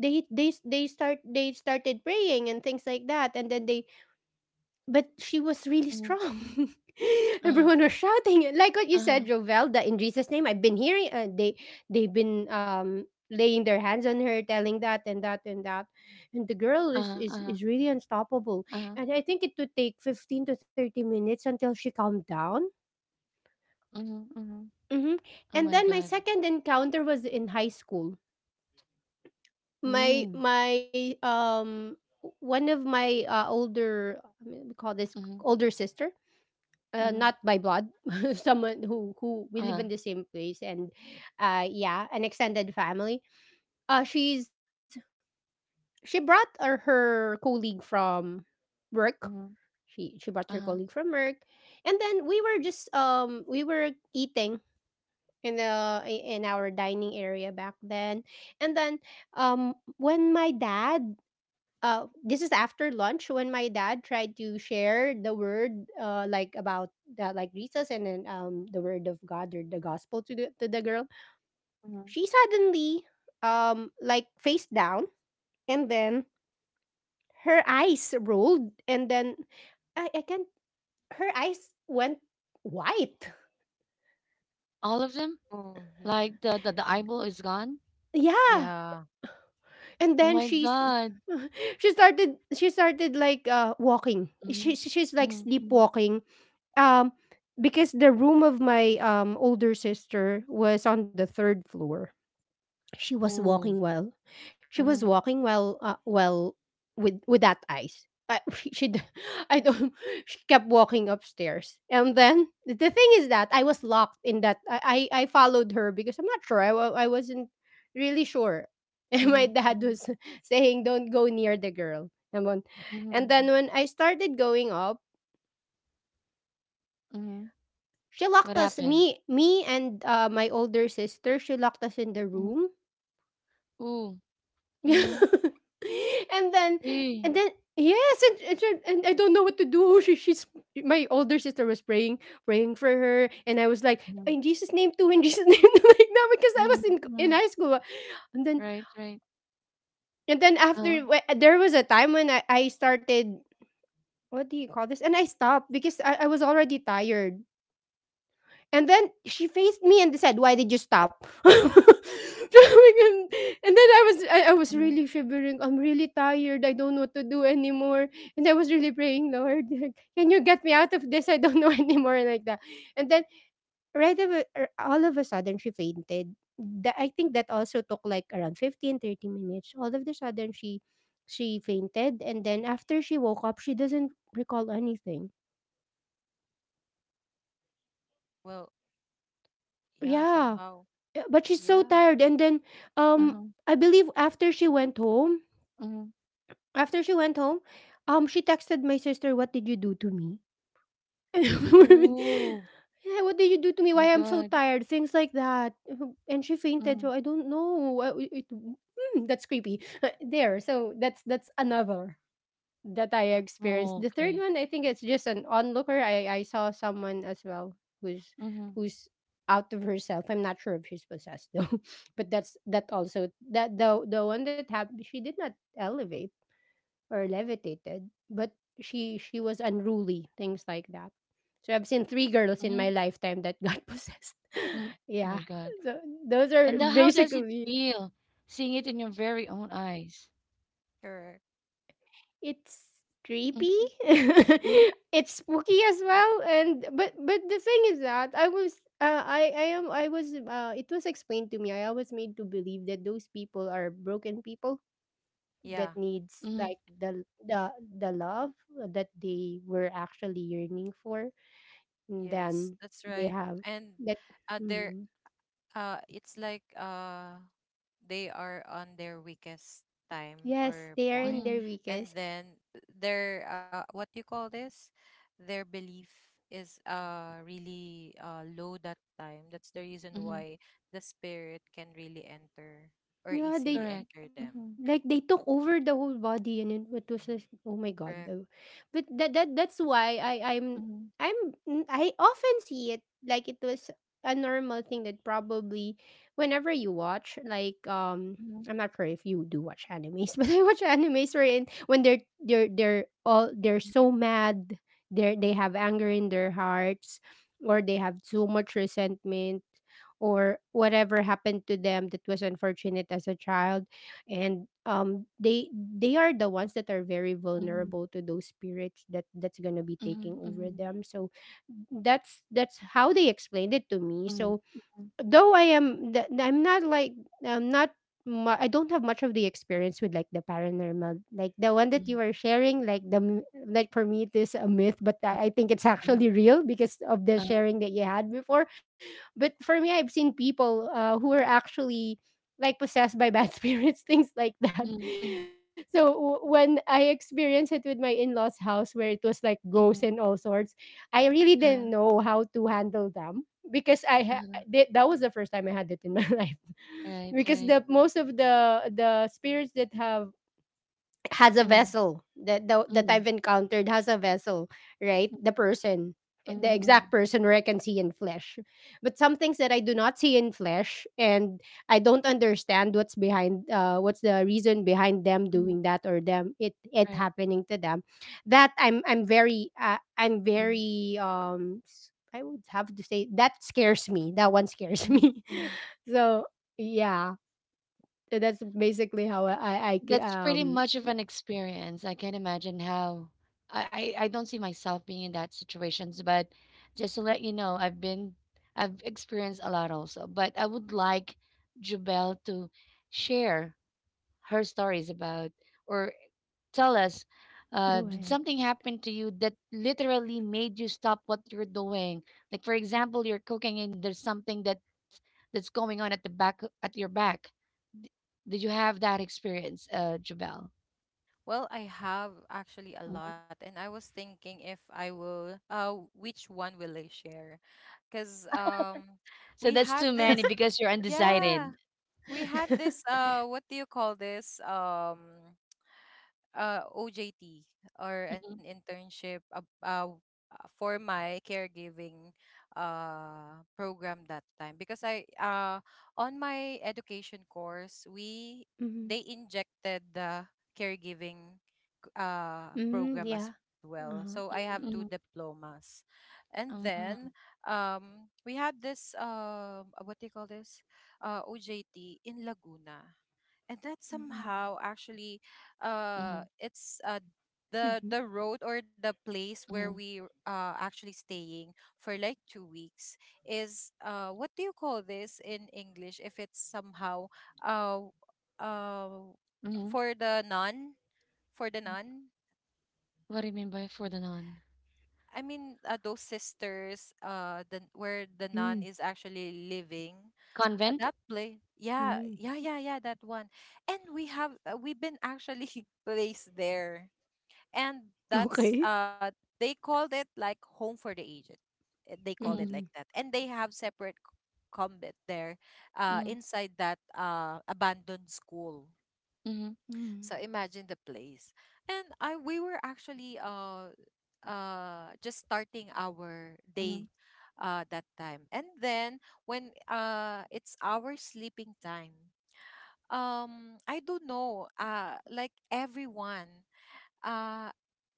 C: they started praying and things like that, and then they... But she was really
A: mhm.
C: strong.
A: Uh-huh.
C: Everyone was shouting like what you said,
A: Uh-huh.
C: Jovel, that in Jesus' name. I've been hearing, they they've been, laying their hands on her, telling that and that and that. And the girl
A: Uh-huh.
C: is really
A: Uh-huh.
C: unstoppable. And I think it would take 15 to 30 minutes until she calmed down.
A: Mhm, mhm.
C: hmm
A: Oh my
C: And then
A: god.
C: my second encounter was in high school. My
A: Mm.
C: my One of my, older, I mean, we call this
A: Mhm,
C: older sister,
A: mhm.
C: not by blood. Someone who we live
A: Uh-huh,
C: in the same place, and, yeah, an extended family. Uh she's she brought her colleague from work.
A: mhm,
C: She brought her colleague
A: uh-huh,
C: from work. And then we were just, we were eating in the in our dining area back then. And then, when my dad this is after lunch, when my dad tried to share the word, like about that, like Jesus, and then, the word of God, or the gospel, to the girl.
A: mhm.
C: She suddenly, like, face down. And then her eyes rolled. And then, I can't her eyes went white.
A: All of them?
B: Oh, y-
A: Like the eyeball is gone?
C: Yeah.
B: Yeah.
C: And
A: Oh
C: then
A: my
C: she's,
A: god.
C: she started like, walking.
A: Mhm,
C: She's like
A: mhm, mhm.
C: sleepwalking, um because the room of my, older sister was on the third floor. She was
A: Ooh.
C: walking well. She was
A: Mhm,
C: walking well, well, with that ice. I don't. She kept walking upstairs, and then the thing is that I was locked in that. I followed her because I'm not sure. I wasn't really sure. And my
A: mhm,
C: dad
A: mhm,
C: was saying, "Don't go near the girl." And and
A: mhm,
C: then when I started going up,
A: mhm.
C: she
A: What
C: locked us.
A: happened?
C: And, my older sister. She locked us in the
A: Mhm.
C: room.
A: Ooh. Mhm.
C: and then
A: Eh.
C: and then, yes. And I don't know what to do. she, she's My older sister was praying for her, and I was like,
A: Mhm,
C: "In Jesus' name too, in Jesus name too," like that, because I was
A: mhm,
C: in
A: mhm.
C: high school. and then
A: Right, right.
C: and then
A: Uh-huh,
C: there was a time when, I started, what do you call this, and I stopped because I was already tired. And then she faced me and said, "Why did you stop?" And then, I was
A: uh-huh,
C: really shivering. I'm really tired. I don't know what to do anymore. And I was really praying, Lord, like, can you get me out of this? I don't know anymore, like that. And then, all of a sudden, she fainted. That, I think, that also took like around 15 to 30 minutes. All of the sudden she fainted, and then after she woke up, she doesn't recall anything.
B: Well, yeah,
C: Yeah.
B: somehow.
C: Yeah, but she's so
B: Yeah,
C: tired. And then, um,
A: uh-huh,
C: I believe after she went home,
A: mhm.
C: after she went home, she texted my sister, "What did you do to me?"
A: Ooh.
C: Yeah, what did you do to me?
A: My
C: Why I'm so
A: god.
C: tired? Things like that. And she fainted.
A: Mhm.
C: So I don't know. That's creepy. There. So that's another that I experienced. The third
A: Okay.
C: one, I think it's just an onlooker. I saw someone as well, who's
A: Mhm,
C: who's out of herself. I'm not sure if she's possessed though. But that's, that also, that, the one that happened. She did not elevate or levitated, but she was unruly, things like that. So I've seen three girls in
A: mhm,
C: my lifetime that got possessed.
A: mhm. Oh my
C: Yeah.
A: god.
C: So those
A: And
C: are
A: then how does it
C: basically...
A: feel seeing it in your very own eyes?
B: correct.
C: It's
A: Mhm,
C: creepy.
A: mhm,
C: It's spooky as well. And, but the thing is that I was, it was explained to me, I was made to believe that those people are broken people
B: Yeah.
C: that needs,
A: mhm,
C: like, the love that they were actually yearning for, and
B: Yes,
C: then
B: that's right.
C: they have
B: And
C: that.
B: there,
C: Mhm.
B: It's like they are on their weakest time
C: Yes,
B: or
C: they are
B: point,
C: in
A: mhm,
C: their
B: and
C: weakest.
B: then their what you call this, their belief is really low that time. That's the reason
A: mhm.
B: why the spirit can really enter or
C: Yeah,
B: easily
C: they
A: Correct.
B: enter
C: like
B: them.
A: Mhm,
C: they took over the whole body, and then it was like, oh my god.
B: Correct.
C: But that's why I
A: mhm,
C: I'm n- I often see it like it was a normal thing, that probably whenever you watch, like,
A: mhm,
C: I'm not sure if you do watch animes. But I watch animes wherein, when they're so mad, they have anger in their hearts, or they have so much resentment, or whatever happened to them that was unfortunate as a child, and they are the ones that are very
A: mhm,
C: vulnerable to those spirits that that's going to be taking
A: mhm,
C: over
A: mhm,
C: them, so that's how they explained it to me.
A: mhm,
C: So,
A: mhm,
C: though I am, I'm not like, I'm not, I don't have much of the experience with, like, the paranormal, like the one that you
A: mhm.
C: are sharing, like like for me it is a myth, but
A: Uh,
C: I think it's
A: uh,
C: actually real because of the
A: uh,
C: sharing that you had before. But for me, I've seen people, who are actually, like, possessed by bad spirits, things like that.
A: mhm, mhm,
C: So when I experienced it with my in-laws' house, where it was like ghosts and
A: mhm.
C: all sorts, I really didn't
A: Uh,
C: know how to handle them, because I
A: uh,
C: that was the first time I had it in my life,
A: right,
C: because
A: right.
C: the most of the spirits that have, has a
A: Mm,
C: vessel, that
A: mm,
C: I've encountered has a vessel, right?
A: mm,
C: The person,
A: mm,
C: the
A: mm,
C: exact person where I can see in flesh. But some things that I do not see in flesh, and I don't understand what's behind, what's the reason behind them
A: mm.
C: doing that, or them, it
A: Right.
C: happening to them. That, I'm very, I'm
A: Mm,
C: very, I would have to say that scares me. That one scares
A: mm,
C: me.
A: mm.
C: So yeah, so that's basically how I I, I ca-
A: That's pretty
C: um
A: much of an experience. I can't imagine how I don't see myself being in that situations, but just to let you know, I've been I've experienced a lot also. But I would like Jubel to share her stories about or
C: go ahead.
A: tell us, did something happen to you that literally made you stop what you're doing? Like for example, you're cooking and there's something that that's going on at the back at your back. D- Did you have that experience, Jubel?
B: Well, I have actually a
A: Mhm.
B: lot, and I was thinking if I will, which one will I share? Because
A: So
B: we
A: that's too
B: had
A: many because you're
B: yeah.
A: undecided.
B: We had this what do you call this OJT or an
A: Mhm,
B: internship for my caregiving program that time because I on my education course we,
C: Mhm.
B: they injected the caregiving
C: Mm,
B: program as
C: yeah,
B: well. So I
C: uh-huh.
B: have two
A: mhm.
B: diplomas. And then
A: Mhm,
B: we had this what do you call this OJT in Laguna. And that
C: Mhm.
B: somehow actually
C: Mhm.
A: mhm,
B: it's the road or the place where
A: mhm,
B: we actually staying for like 2 weeks is, what do you call this in English, if it's somehow uh uh
A: mhm.
B: for the nun, for the nun.
A: What do you mean by for the non?
B: I mean, those sisters, the where the
C: Mm,
B: nun is actually living.
A: Convent?
B: That place, yeah,
C: mhm.
B: yeah, yeah, yeah, that one. And we have we've been actually placed there, and that's
C: Okay.
B: they called it like home for the aged. They called it
A: Mhm,
B: like that,
C: Mhm.
B: and they have separate combat there
A: mhm,
B: inside that abandoned school.
A: mhm,
B: So
C: Mhm.
B: imagine the place. And i we were actually just starting our day
A: mhm,
B: that time, and then when it's our sleeping time, I don't know, like everyone, uh,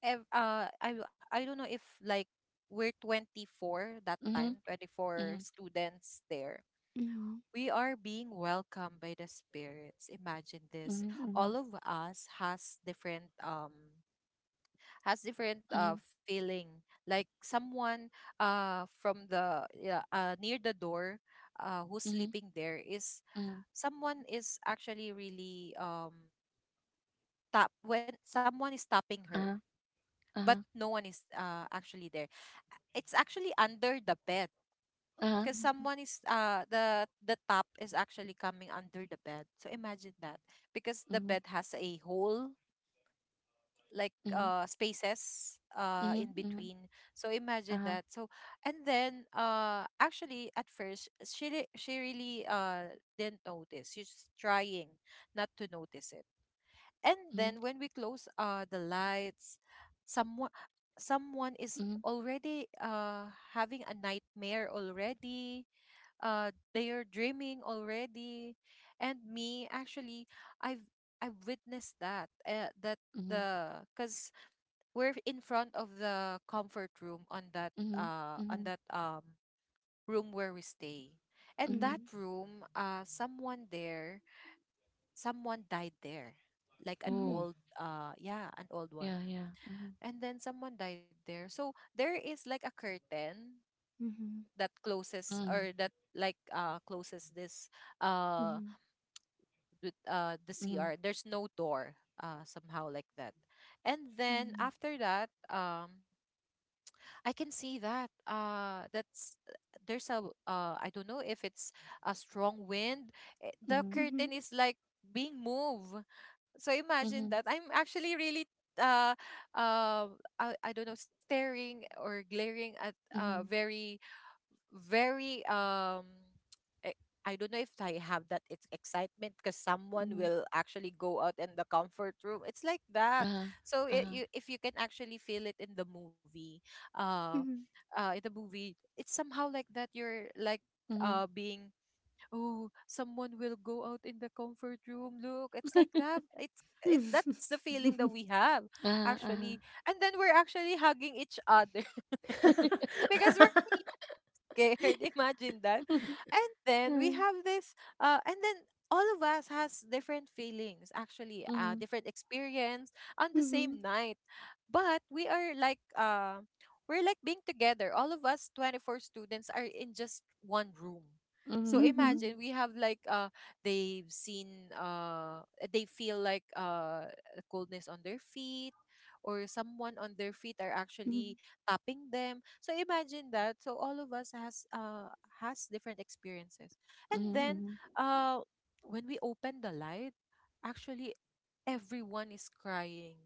B: I don't know if like we're 24 that
A: mhm,
B: time, 24
A: mhm,
B: students there.
C: Mhm.
B: We are being welcomed by the spirits. Imagine this.
A: mhm, mhm,
B: All of us has different
A: mhm,
B: feeling. Like someone from the yeah, near the door, who's
A: mhm,
B: sleeping there, is
A: mhm.
B: someone is actually really tap, when someone is tapping her,
A: Uh-huh,
B: but
A: uh-huh,
B: no one is actually there. It's actually under the bed,
A: uh-huh.
B: because someone is the top is actually coming under the bed. So imagine that, because the
A: Mhm,
B: bed has a hole, like
A: mhm,
B: spaces
A: mhm,
B: in
A: mhm,
B: between. So imagine
A: uh-huh,
B: that. So and then actually at first she really didn't notice. She's trying not to notice it. And
A: mhm,
B: then when we close the lights, someone someone is
A: mhm,
B: already having a nightmare already. They are dreaming already. And me actually, I've I've witnessed that. That
A: mhm,
B: the cuz We're in front of the comfort room
A: mhm,
B: on
A: mhm,
B: that room where we stay. And
A: mhm.
B: that
C: Mhm.
B: room, someone there, someone died there, like an
A: Ooh,
C: Mhm.
B: old, yeah, an old
A: yeah,
B: one.
A: yeah. Mhm,
B: And then someone died there, so there is like a curtain
C: Mhm.
B: that closes,
A: mhm,
B: or that like closes this uh
C: Mhm.
B: with
A: mhm,
B: there's no door, somehow like that. And then after that, I can see that that's there's a, I don't know if it's a strong wind, eh, the
A: mhm,
C: Mhm. Mhm.
B: curtain is like being moved. So
A: mhm,
B: imagine that. I'm actually really uh uh I don't know, staring or glaring at a
A: mhm,
B: very, very e- I don't know if I have that, it's excitement, because
A: mhm.
B: someone will actually go out in the comfort room. It's like
A: Uh-huh,
B: that. So
A: uh-huh,
B: it, you, if you can actually feel it
C: Mhm. Mhm.
B: uh,
C: Mhm.
B: in the movie, it's somehow like that. You're like
A: mhm,
B: being, oh, someone will go out in the comfort room. Look, it's like that. It's it. That's the feeling that we have
A: uh-huh,
B: actually.
A: uh-huh.
B: And then we're actually hugging each other because we're really scared. Imagine that. And then we
A: Mm.
B: have this, and then all of us has different feelings actually,
A: Mhm,
B: different experience on the same
C: Mhm.
B: night, but we are like we're like being together, all of us 24 students are in just one room. So
A: mhm,
C: Mhm.
A: mhm,
B: imagine, we have like they've seen they feel like a coldness on their feet, or someone on their feet
C: Mhm.
B: are actually tapping them. So imagine that. So all of us has different experiences. And
A: mhm,
B: then
A: mhm,
B: uh when we open the light, actually everyone is crying.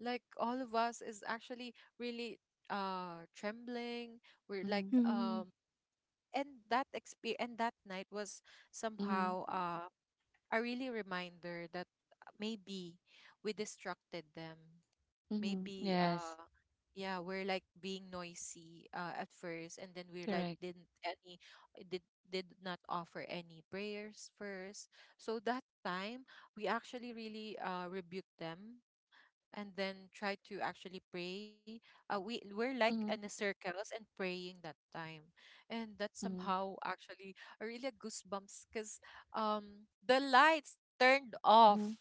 B: Like all of us is actually really trembling. We're
A: mhm,
B: like
C: Mhm.
B: And that exp and that night was
A: mhm,
B: somehow a really reminder that, maybe we distracted them,
A: mhm.
B: maybe
A: Yes,
B: yeah, we're like being noisy at first, and then we're like
A: correct.
B: didn't any, did did not offer any prayers first. So that time, we actually really rebuked them, and then try to actually pray. We were like in a
A: Mhm,
B: circles and praying that time. And that
A: mhm,
B: somehow actually, really a goosebumps, because the lights turned
A: mhm.
B: off.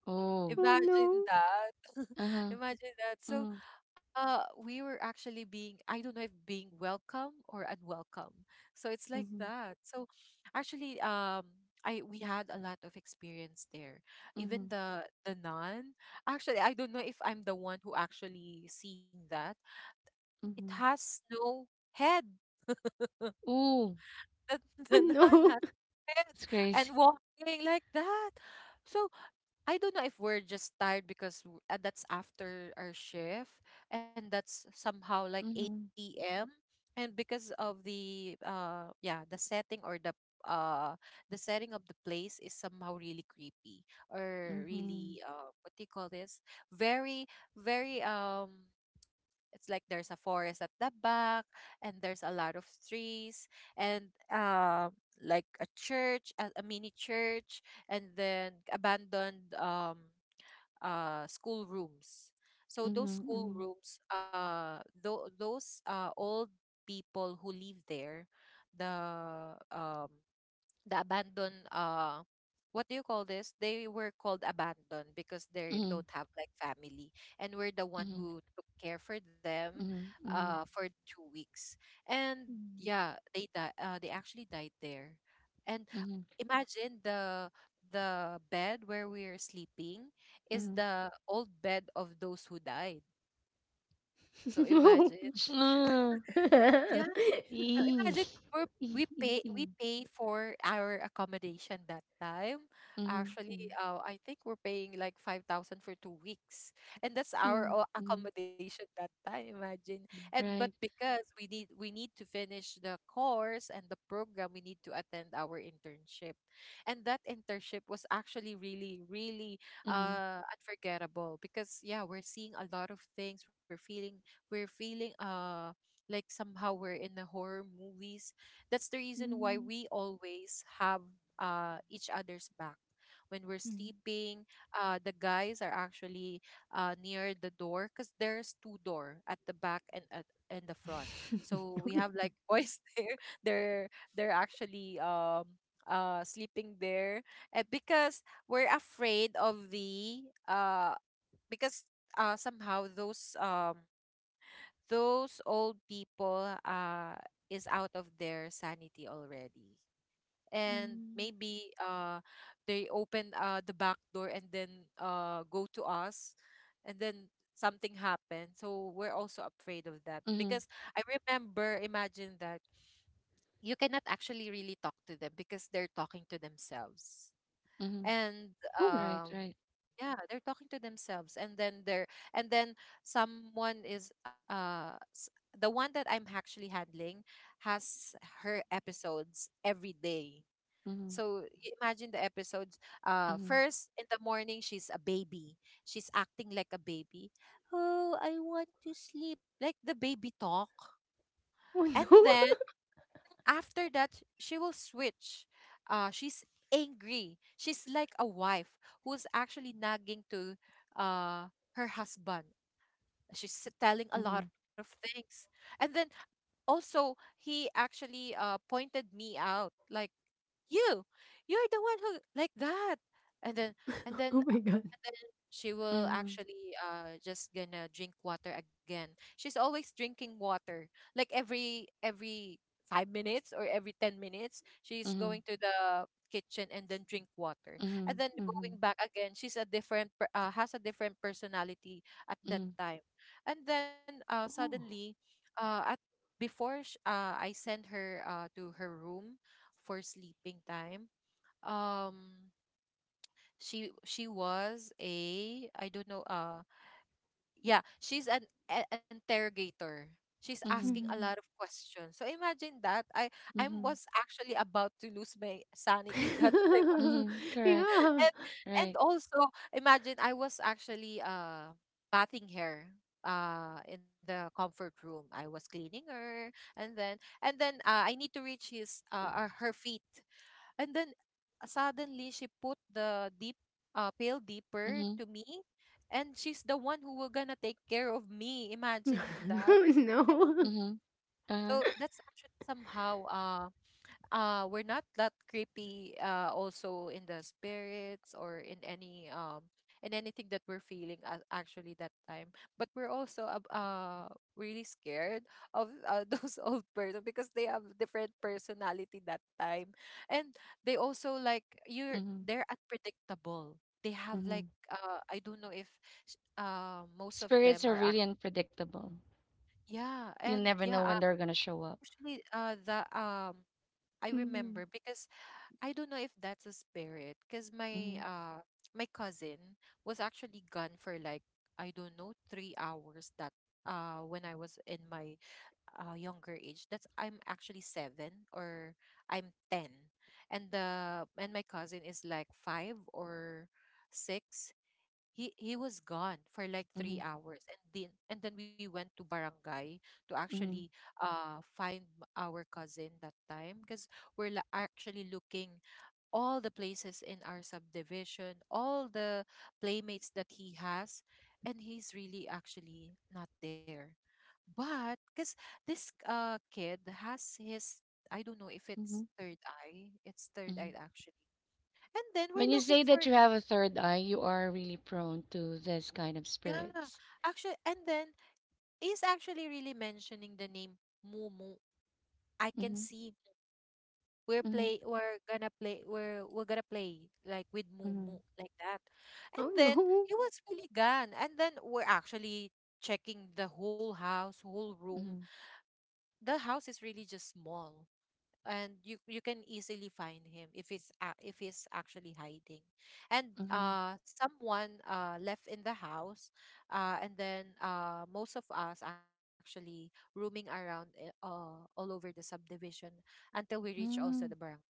A: Oh,
C: Oh,
B: Imagine
C: no.
B: that.
A: uh-huh.
B: Imagine that. So,
A: Mhm,
B: we were actually being, I don't know if being welcome or unwelcome. So it's like
A: mhm,
B: that. So actually, I, we had a lot of experience there.
A: mhm,
B: Even the nun, actually, I don't know if I'm the one who actually seen that. It
A: mhm.
B: has no head.
A: Ooh,
B: The,
C: Oh,
B: the nun
C: no.
B: has head
A: it's crazy.
B: and walking like that. So I don't know if we're just tired because that's after our shift, and that's somehow like
A: Mhm,
B: 8 p.m. And because of the yeah, the setting or uh the setting of the place is somehow really creepy, or
A: mhm,
B: really, what do you call this, very, very it's like there's a forest at the back, and there's a lot of trees, and like a church, a mini church, and then abandoned school rooms. So those
A: mhm,
B: school
A: mhm,
B: rooms, those old people who live there, the um the abandoned, what do you call this they were called abandoned because they
A: mhm,
B: don't have like family, and we're the one
A: mhm,
B: who took care for them
A: mhm, mhm,
B: for 2 weeks. And
C: Mm.
B: yeah, they actually died there. And
A: mhm,
B: imagine the bed where we're sleeping
A: mhm.
B: is the old bed of those who died. So
C: No.
B: imagine.
A: Ugh, eee,
B: Imagine, we
A: ee, ee, ee.
B: we pay for our accommodation that time.
A: Mhm,
B: Actually,
A: mhm,
B: I think we're paying like 5,000 for 2 weeks. And that's our
C: Mm.
A: mhm.
B: accommodation that time, imagine. And but
A: Right.
B: because we need, we need to finish the course and the program, we need to attend our internship. And that internship was actually really, really
A: Mhm,
B: unforgettable, because yeah, we're seeing a lot of things. We're feeling like somehow we're in the horror movies. That's the reason why
C: Mhm.
B: we always have each other's back. When we're
C: Mhm.
B: sleeping, the guys are actually near the door, because there's two door at the back and at and the front. So we have
C: Okay.
B: like boys there. They're they're actually sleeping there, because we're afraid of the, uh because somehow those old people is out of their sanity already. And
C: Mm.
B: maybe they open, the back door, and then go to us, and then something happened. So we're also afraid of that because,
A: mhm,
B: I remember, imagine that, you cannot actually really talk to them because they're talking to themselves.
A: mhm.
B: And
C: Oh.
B: um
A: Right, right.
B: yeah, they're talking to themselves. And then they're, and then someone is the one that I'm actually handling has her episodes every day.
A: Mhm,
B: So imagine the episodes.
A: mhm,
B: First, in the morning, she's a baby. She's acting like a baby, "Oh, I want to sleep," like the baby talk.
C: Oh,
B: And
C: no.
B: then after that, she will switch, she's angry, she's like a wife who's actually nagging to uh her husband. She's telling a lot
A: mhm,
B: of things. And then also he actually pointed me out like, "You, you're the one who like that." And then and then
C: Oh my god.
B: then she will
A: mhm.
B: actually just gonna drink water again. She's always drinking water. Like every 5 minutes or every 10 minutes, she's
A: Mhm,
B: going to the kitchen and then drink water.
A: mhm,
B: And then
A: mhm,
B: going back again, she's a different per- has a different personality at that
A: mhm,
B: time. And then
C: Oh.
B: suddenly, at before I send her to her room for sleeping time. Um she was a, I don't know, yeah, she's an interrogator. She's asking
A: mhm,
B: a lot of
C: Mhm.
B: questions, so imagine that. I
A: mhm,
B: was actually about to lose my sanity that I was.
A: mhm. Correct.
C: Yeah.
B: And and
A: Right.
B: also imagine, I was actually bathing her in the comfort room, I was cleaning her. And then, and then I need to reach his her feet. And then suddenly she put the deep, pail deeper
A: Mhm,
B: to me, and she's the one who will gonna take care of me. Imagine that.
C: Oh
B: I-
C: no.
A: mhm,
B: So
A: uh-huh,
B: that's actually somehow, we're not that creepy also in the spirits, or in any in anything that we're feeling, actually that time. But we're also really scared of, those old person, because they have different personality that time. And they also like, you're,
A: mhm,
B: they're unpredictable. They have like
A: mhm.
B: I don't know if most of them
A: Spirits are
B: are
A: really unpredictable.
B: yeah.
A: You
B: And
A: never
B: yeah,
A: know when they're gonna show up.
B: actually the I remember
C: Mhm.
B: because, I don't know if that's a spirit, because my
A: Mhm,
B: my cousin was actually gone for like, I don't know, 3 hours, that when I was in my younger age. That's, I'm actually seven or I'm ten, and the, and my cousin is like five or six. He was gone for like
A: mhm,
B: 3 hours, and then we went to barangay to actually
A: mhm,
B: find our cousin that time, because we're actually looking all the places in our subdivision, all the playmates that he has, and he's really actually not there. But because this, kid has his, I don't know if it's
A: mhm,
B: third eye, it's third
A: mhm.
B: eye actually. And then we're
A: When you
B: looking
A: say
B: for,
A: that you have a third eye, you are really prone to this kind of
B: yeah,
A: spirits.
B: actually, and then he's actually really mentioning the name Mumu. I can
A: Mhm,
B: see,
A: mhm,
B: we're gonna play, we're gonna play like with
A: mhm,
B: Mumu, like that. And
C: Oh
B: then he
C: no.
B: was really gone. And then we're actually checking the whole house, whole room.
A: mhm,
B: The house is really just small. And you can easily find him if if he's actually hiding. And
A: mhm.
B: someone left in the house, and then most of us actually roaming around, eh, all over the subdivision, until we reach also the
A: Mm.
B: barangay.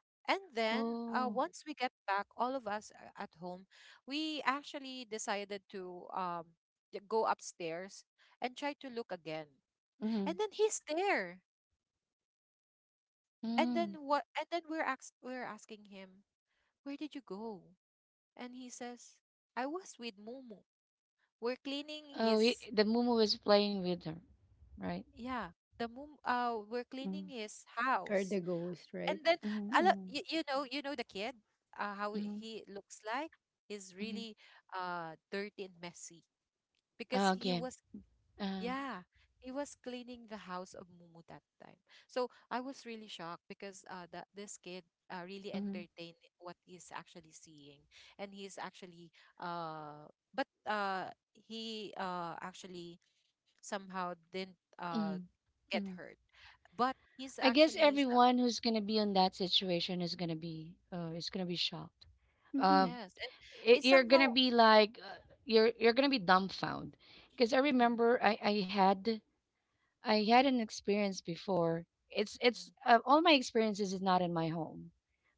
B: And then
A: Oh.
B: once we get back, all of us at home, we actually decided to, go upstairs and try to look again. And then
A: Mhm,
B: he's there. And then
A: mm.
B: what? And then we're asking him, "Where did you go?" And he says, "I was with Mumu. We're cleaning
A: Oh, y-
B: his,"
A: the Mumu was playing with her, right?
B: yeah, the Mum. We're cleaning
A: Mm-hmm.
B: his house."
C: Or the ghost,
B: And then
C: right?
A: Mhm,
B: I
A: mhm,
B: you, you know, you know the kid, how
A: mhm,
B: he looks like, he's
A: mhm.
B: really dirty and messy,
A: Ah,
B: because he
A: again.
B: was,
A: Uh,
B: yeah, he was cleaning the house of Mumu that time. So I was really shocked, because that this kid really
A: mhm,
B: entertained what he's actually seeing. And he's actually, but he actually somehow didn't
A: mhm,
B: get
A: mhm.
B: hurt, but he's
A: I guess
B: actually,
A: everyone who's gonna be in that situation is gonna be shocked.
C: Mm-hmm.
A: Uh,
B: yes. And
A: y-
B: it's
A: you're
B: somehow,
A: gonna be like you're gonna be dumbfounded because I
B: mhm,
A: remember I had I had an experience before. It's
B: mhm,
A: it's uh, all my experiences is not in my home,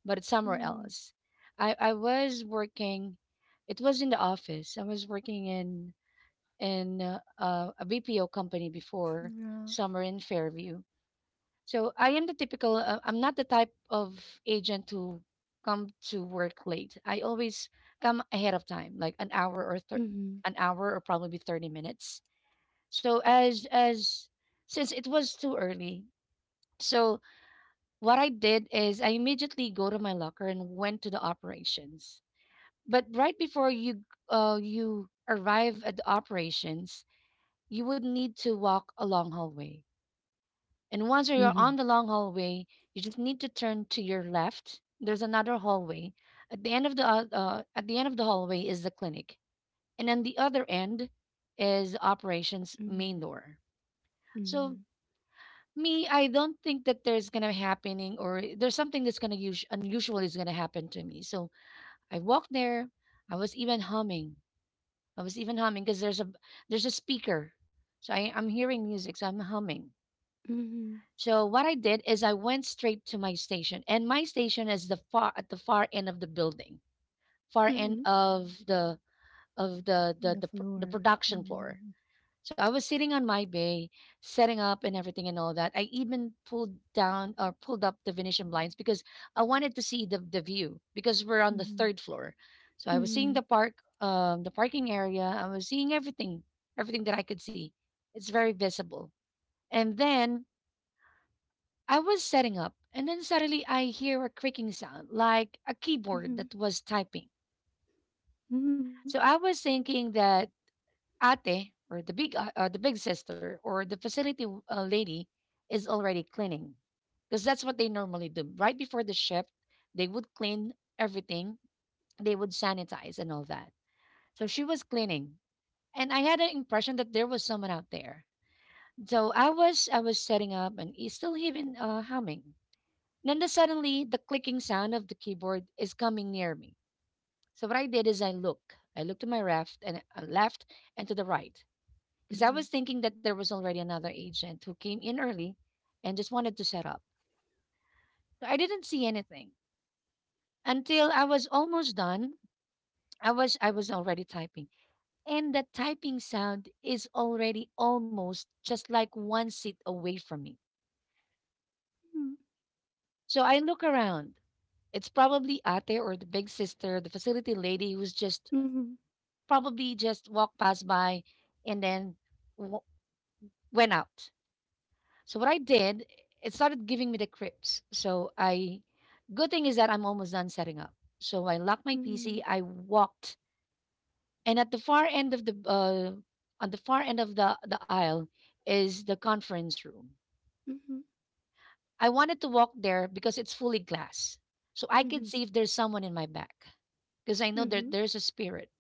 A: but it's somewhere
C: Mm-hmm.
A: else. I was working. It was in the office. I was working in in a BPO company before,
C: Yeah.
A: somewhere in Fairview. So I am the typical, I'm not the type of agent who come to work late. I always come ahead of time, like an hour or
C: Mm-hmm.
A: an hour or probably 30 minutes. So as since it was too early, so what I did is I immediately go to my locker and went to the operations. But right before you you arrive at the operations, you would need to walk a long hallway. And once you're on
C: Mm-hmm.
A: the long hallway, you just need to turn to your left. There's another hallway. At the end of the at the end of the hallway is the clinic, and then the other end is operations main door. So
C: Mm-hmm.
A: me, I don't think that there's gonna happening or there's something that's unusual is gonna happen to me. So I walked there. I was even humming. I was even humming because there's a speaker, so I'm hearing music. So I'm humming.
C: Mm-hmm.
A: So what I did is I went straight to my station, and my station is the far at the far end of the building, far
C: Mm-hmm.
A: end of the of the
C: The
A: the the, pr- the
C: floor.
A: production floor.
C: Mm-hmm.
A: So I was sitting on my bay, setting up and everything and all that. I even pulled down or pulled up the Venetian blinds because I wanted to see the view because we're on the
C: Mm-hmm.
A: third floor. So I was seeing
C: Mm-hmm.
A: the park, the parking area. I was seeing everything, everything that I could see. It's very visible. And then I was setting up, and then suddenly I hear a creaking sound like a keyboard
C: Mm-hmm.
A: that was typing.
C: Mm-hmm.
A: So I was thinking that Ate or the the big sister or the lady is already cleaning because that's what they normally do right before the shift. They would clean everything, they would sanitize and all that. So she was cleaning, and I had an impression that there was someone out there. So I was setting up and he's still even humming. Then suddenly, the clicking sound of the keyboard is coming near me. So what I did is I look. I looked to my left and left and to the right because I
C: Mm-hmm.
A: was thinking that there was already another agent who came in early and just wanted to set up. So I didn't see anything until I was almost done. I was already typing, and the typing sound is already almost just like one seat away from me. So I look around. It's probably Ate or the big sister, the facility lady who's just
C: Mm-hmm.
A: probably just walked past by and then w- went out. So what I did, it started giving me the creeps. So good thing is that I'm almost done setting up. So I locked my
C: Mm-hmm.
A: PC. I walked, and at the far end of the on the far end of the aisle is the conference room.
C: Mm-hmm.
A: I wanted to walk there because it's fully glass, so I could
C: Mm-hmm.
A: see if there's someone in my back because I know that there's a spirit.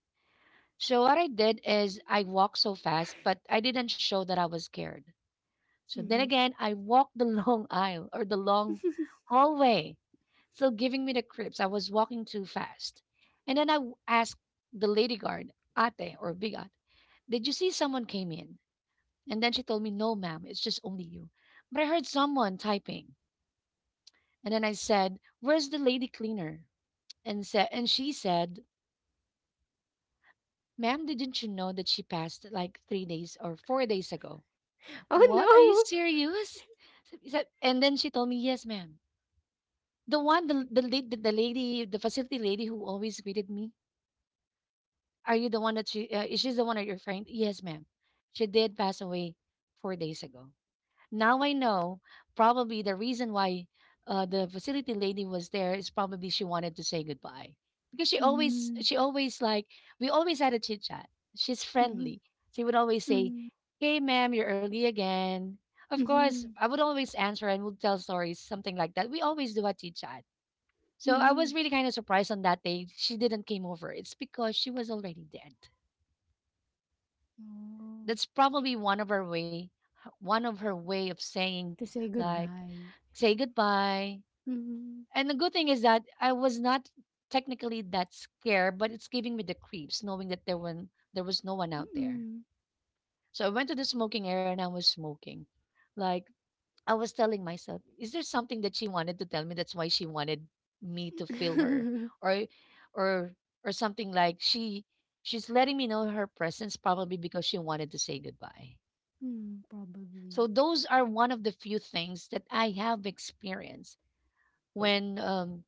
A: So what I did is I walked so fast, but I didn't show that I was scared. So then
C: Mm-hmm.
A: again, I walked the long aisle or the long hallway, still giving me the creeps. I was walking too fast. And then I asked the lady guard, ate or bigat, did you see someone came in? And then she told me, no, ma'am, it's just only you. But I heard someone typing. And then I said, where's the lady cleaner? And she said, ma'am, didn't you know that she passed like 3 days or 4 days ago?
C: Oh
A: What? Are you
C: no.
A: serious? And then she told me, yes, ma'am. The lady, the facility lady who always greeted me. Are you the one that she? Is she the one that you're referring? Yes, ma'am. She did pass away 4 days ago. Now I know probably the reason why the facility lady was there is probably she wanted to say goodbye because
C: Mm-hmm.
A: she always like we always had a chit chat. She's friendly. She would always say,
C: Mm-hmm.
A: "Hey, ma'am, you're early again." Of course,
C: Mm-hmm.
A: I would always answer and would tell stories, something like that. We always do a chit chat, so I was
C: Mm,
A: really kind of surprised on that day she didn't came over. It's because she was already dead.
C: oh.
A: That's probably one of her way one of her way of saying
C: To say
A: like
C: goodbye.
A: say goodbye.
C: Mm,
A: And the good thing is that I was not technically that scared, but it's giving me the creeps knowing that there when there was no
C: mm.
A: one out there. So I went to the smoking area and I was smoking. Like I was telling myself, is there something that she wanted to tell me? That's why she wanted me to feel her, or, or, or something like she's letting me know her presence probably because she wanted to say goodbye.
C: Mm, probably.
A: So those are one of the few things that I have experienced when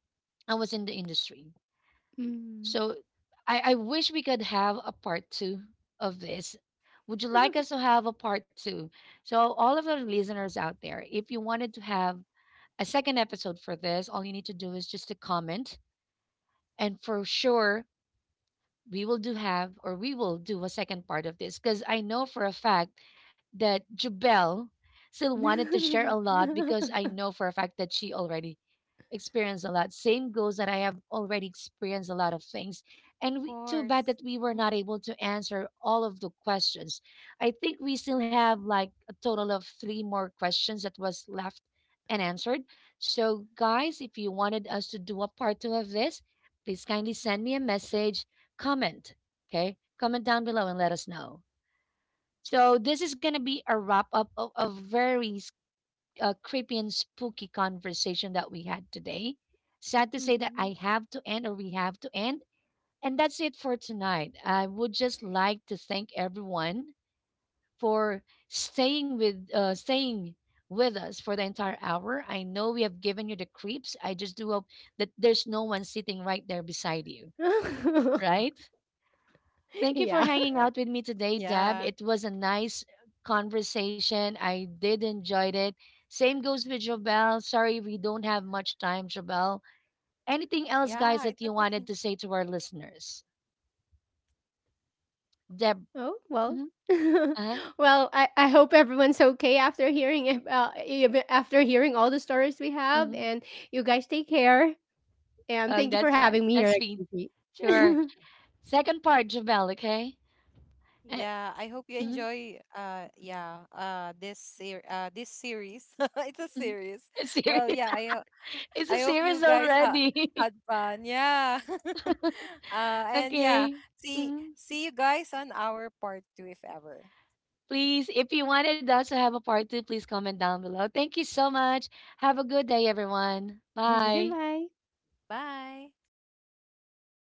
A: I was in the industry.
C: Mm.
A: So I wish we could have a part two of this. Would you like us to have a part two? So all of our listeners out there, if you wanted to have a second episode for this. All you need to do is just to comment. And for sure, we will do have or we will do a second part of this because I know for a fact that Jubel still wanted to share a lot because I know for a fact that she already experienced a lot. Same goes that I have already experienced a lot of things. And
B: of
A: we, too bad that
B: course.
A: we were
B: Mhm.
A: not able to answer all of the questions. I think we still have like a total of three more questions that was left and answered. So guys, if you wanted us to do a part two of this, please kindly send me a message comment. Okay, comment down below and let us know. So this is gonna be a wrap up of a very creepy and spooky conversation that we had today. Sad to say that I
C: Mhm.
A: have to end, or we have to end, and that's it for tonight. I would just like to thank everyone for staying with us for the entire hour. I know we have given you the creeps. I just do hope that there's no one sitting right there beside you, right? Thank you for
C: Yeah.
A: hanging
B: Correct.
A: out with me today,
B: Yeah.
A: Deb. It was a nice conversation. I did enjoy it. Same goes with Jobel. Sorry we don't have much time, Jobel. Anything else,
B: Yeah, it's
A: guys, that you
B: okay.
A: wanted to say to our listeners? Deb.
C: Oh, well.
A: Mm-hmm, uh-huh,
C: Well, I hope everyone's okay after hearing it, even after hearing all the stories we have,
A: mm-hmm.
C: and you guys take care. And
A: Oh,
C: thank you for
A: that's right.
C: having me here.
A: That's me.
C: At
A: Sure. Second part, Jobel, okay? Uh,
B: Yeah, I hope you
A: mhm,
B: enjoy yeah, this series. It's a
A: mhm.
B: series.
A: It's
B: Well,
A: serious.
B: yeah,
A: It's a
B: I hope you
A: series
B: guys ha
A: already.
B: had fun. Yeah. And yeah,
A: Okay. Mm-hmm.
B: see you guys on our part two if ever.
A: Please, if you wanted us to have a part two, please comment down below. Thank you so much. Have a good day, everyone.
C: Yeah,
A: Bye.
C: goodbye.
B: Bye.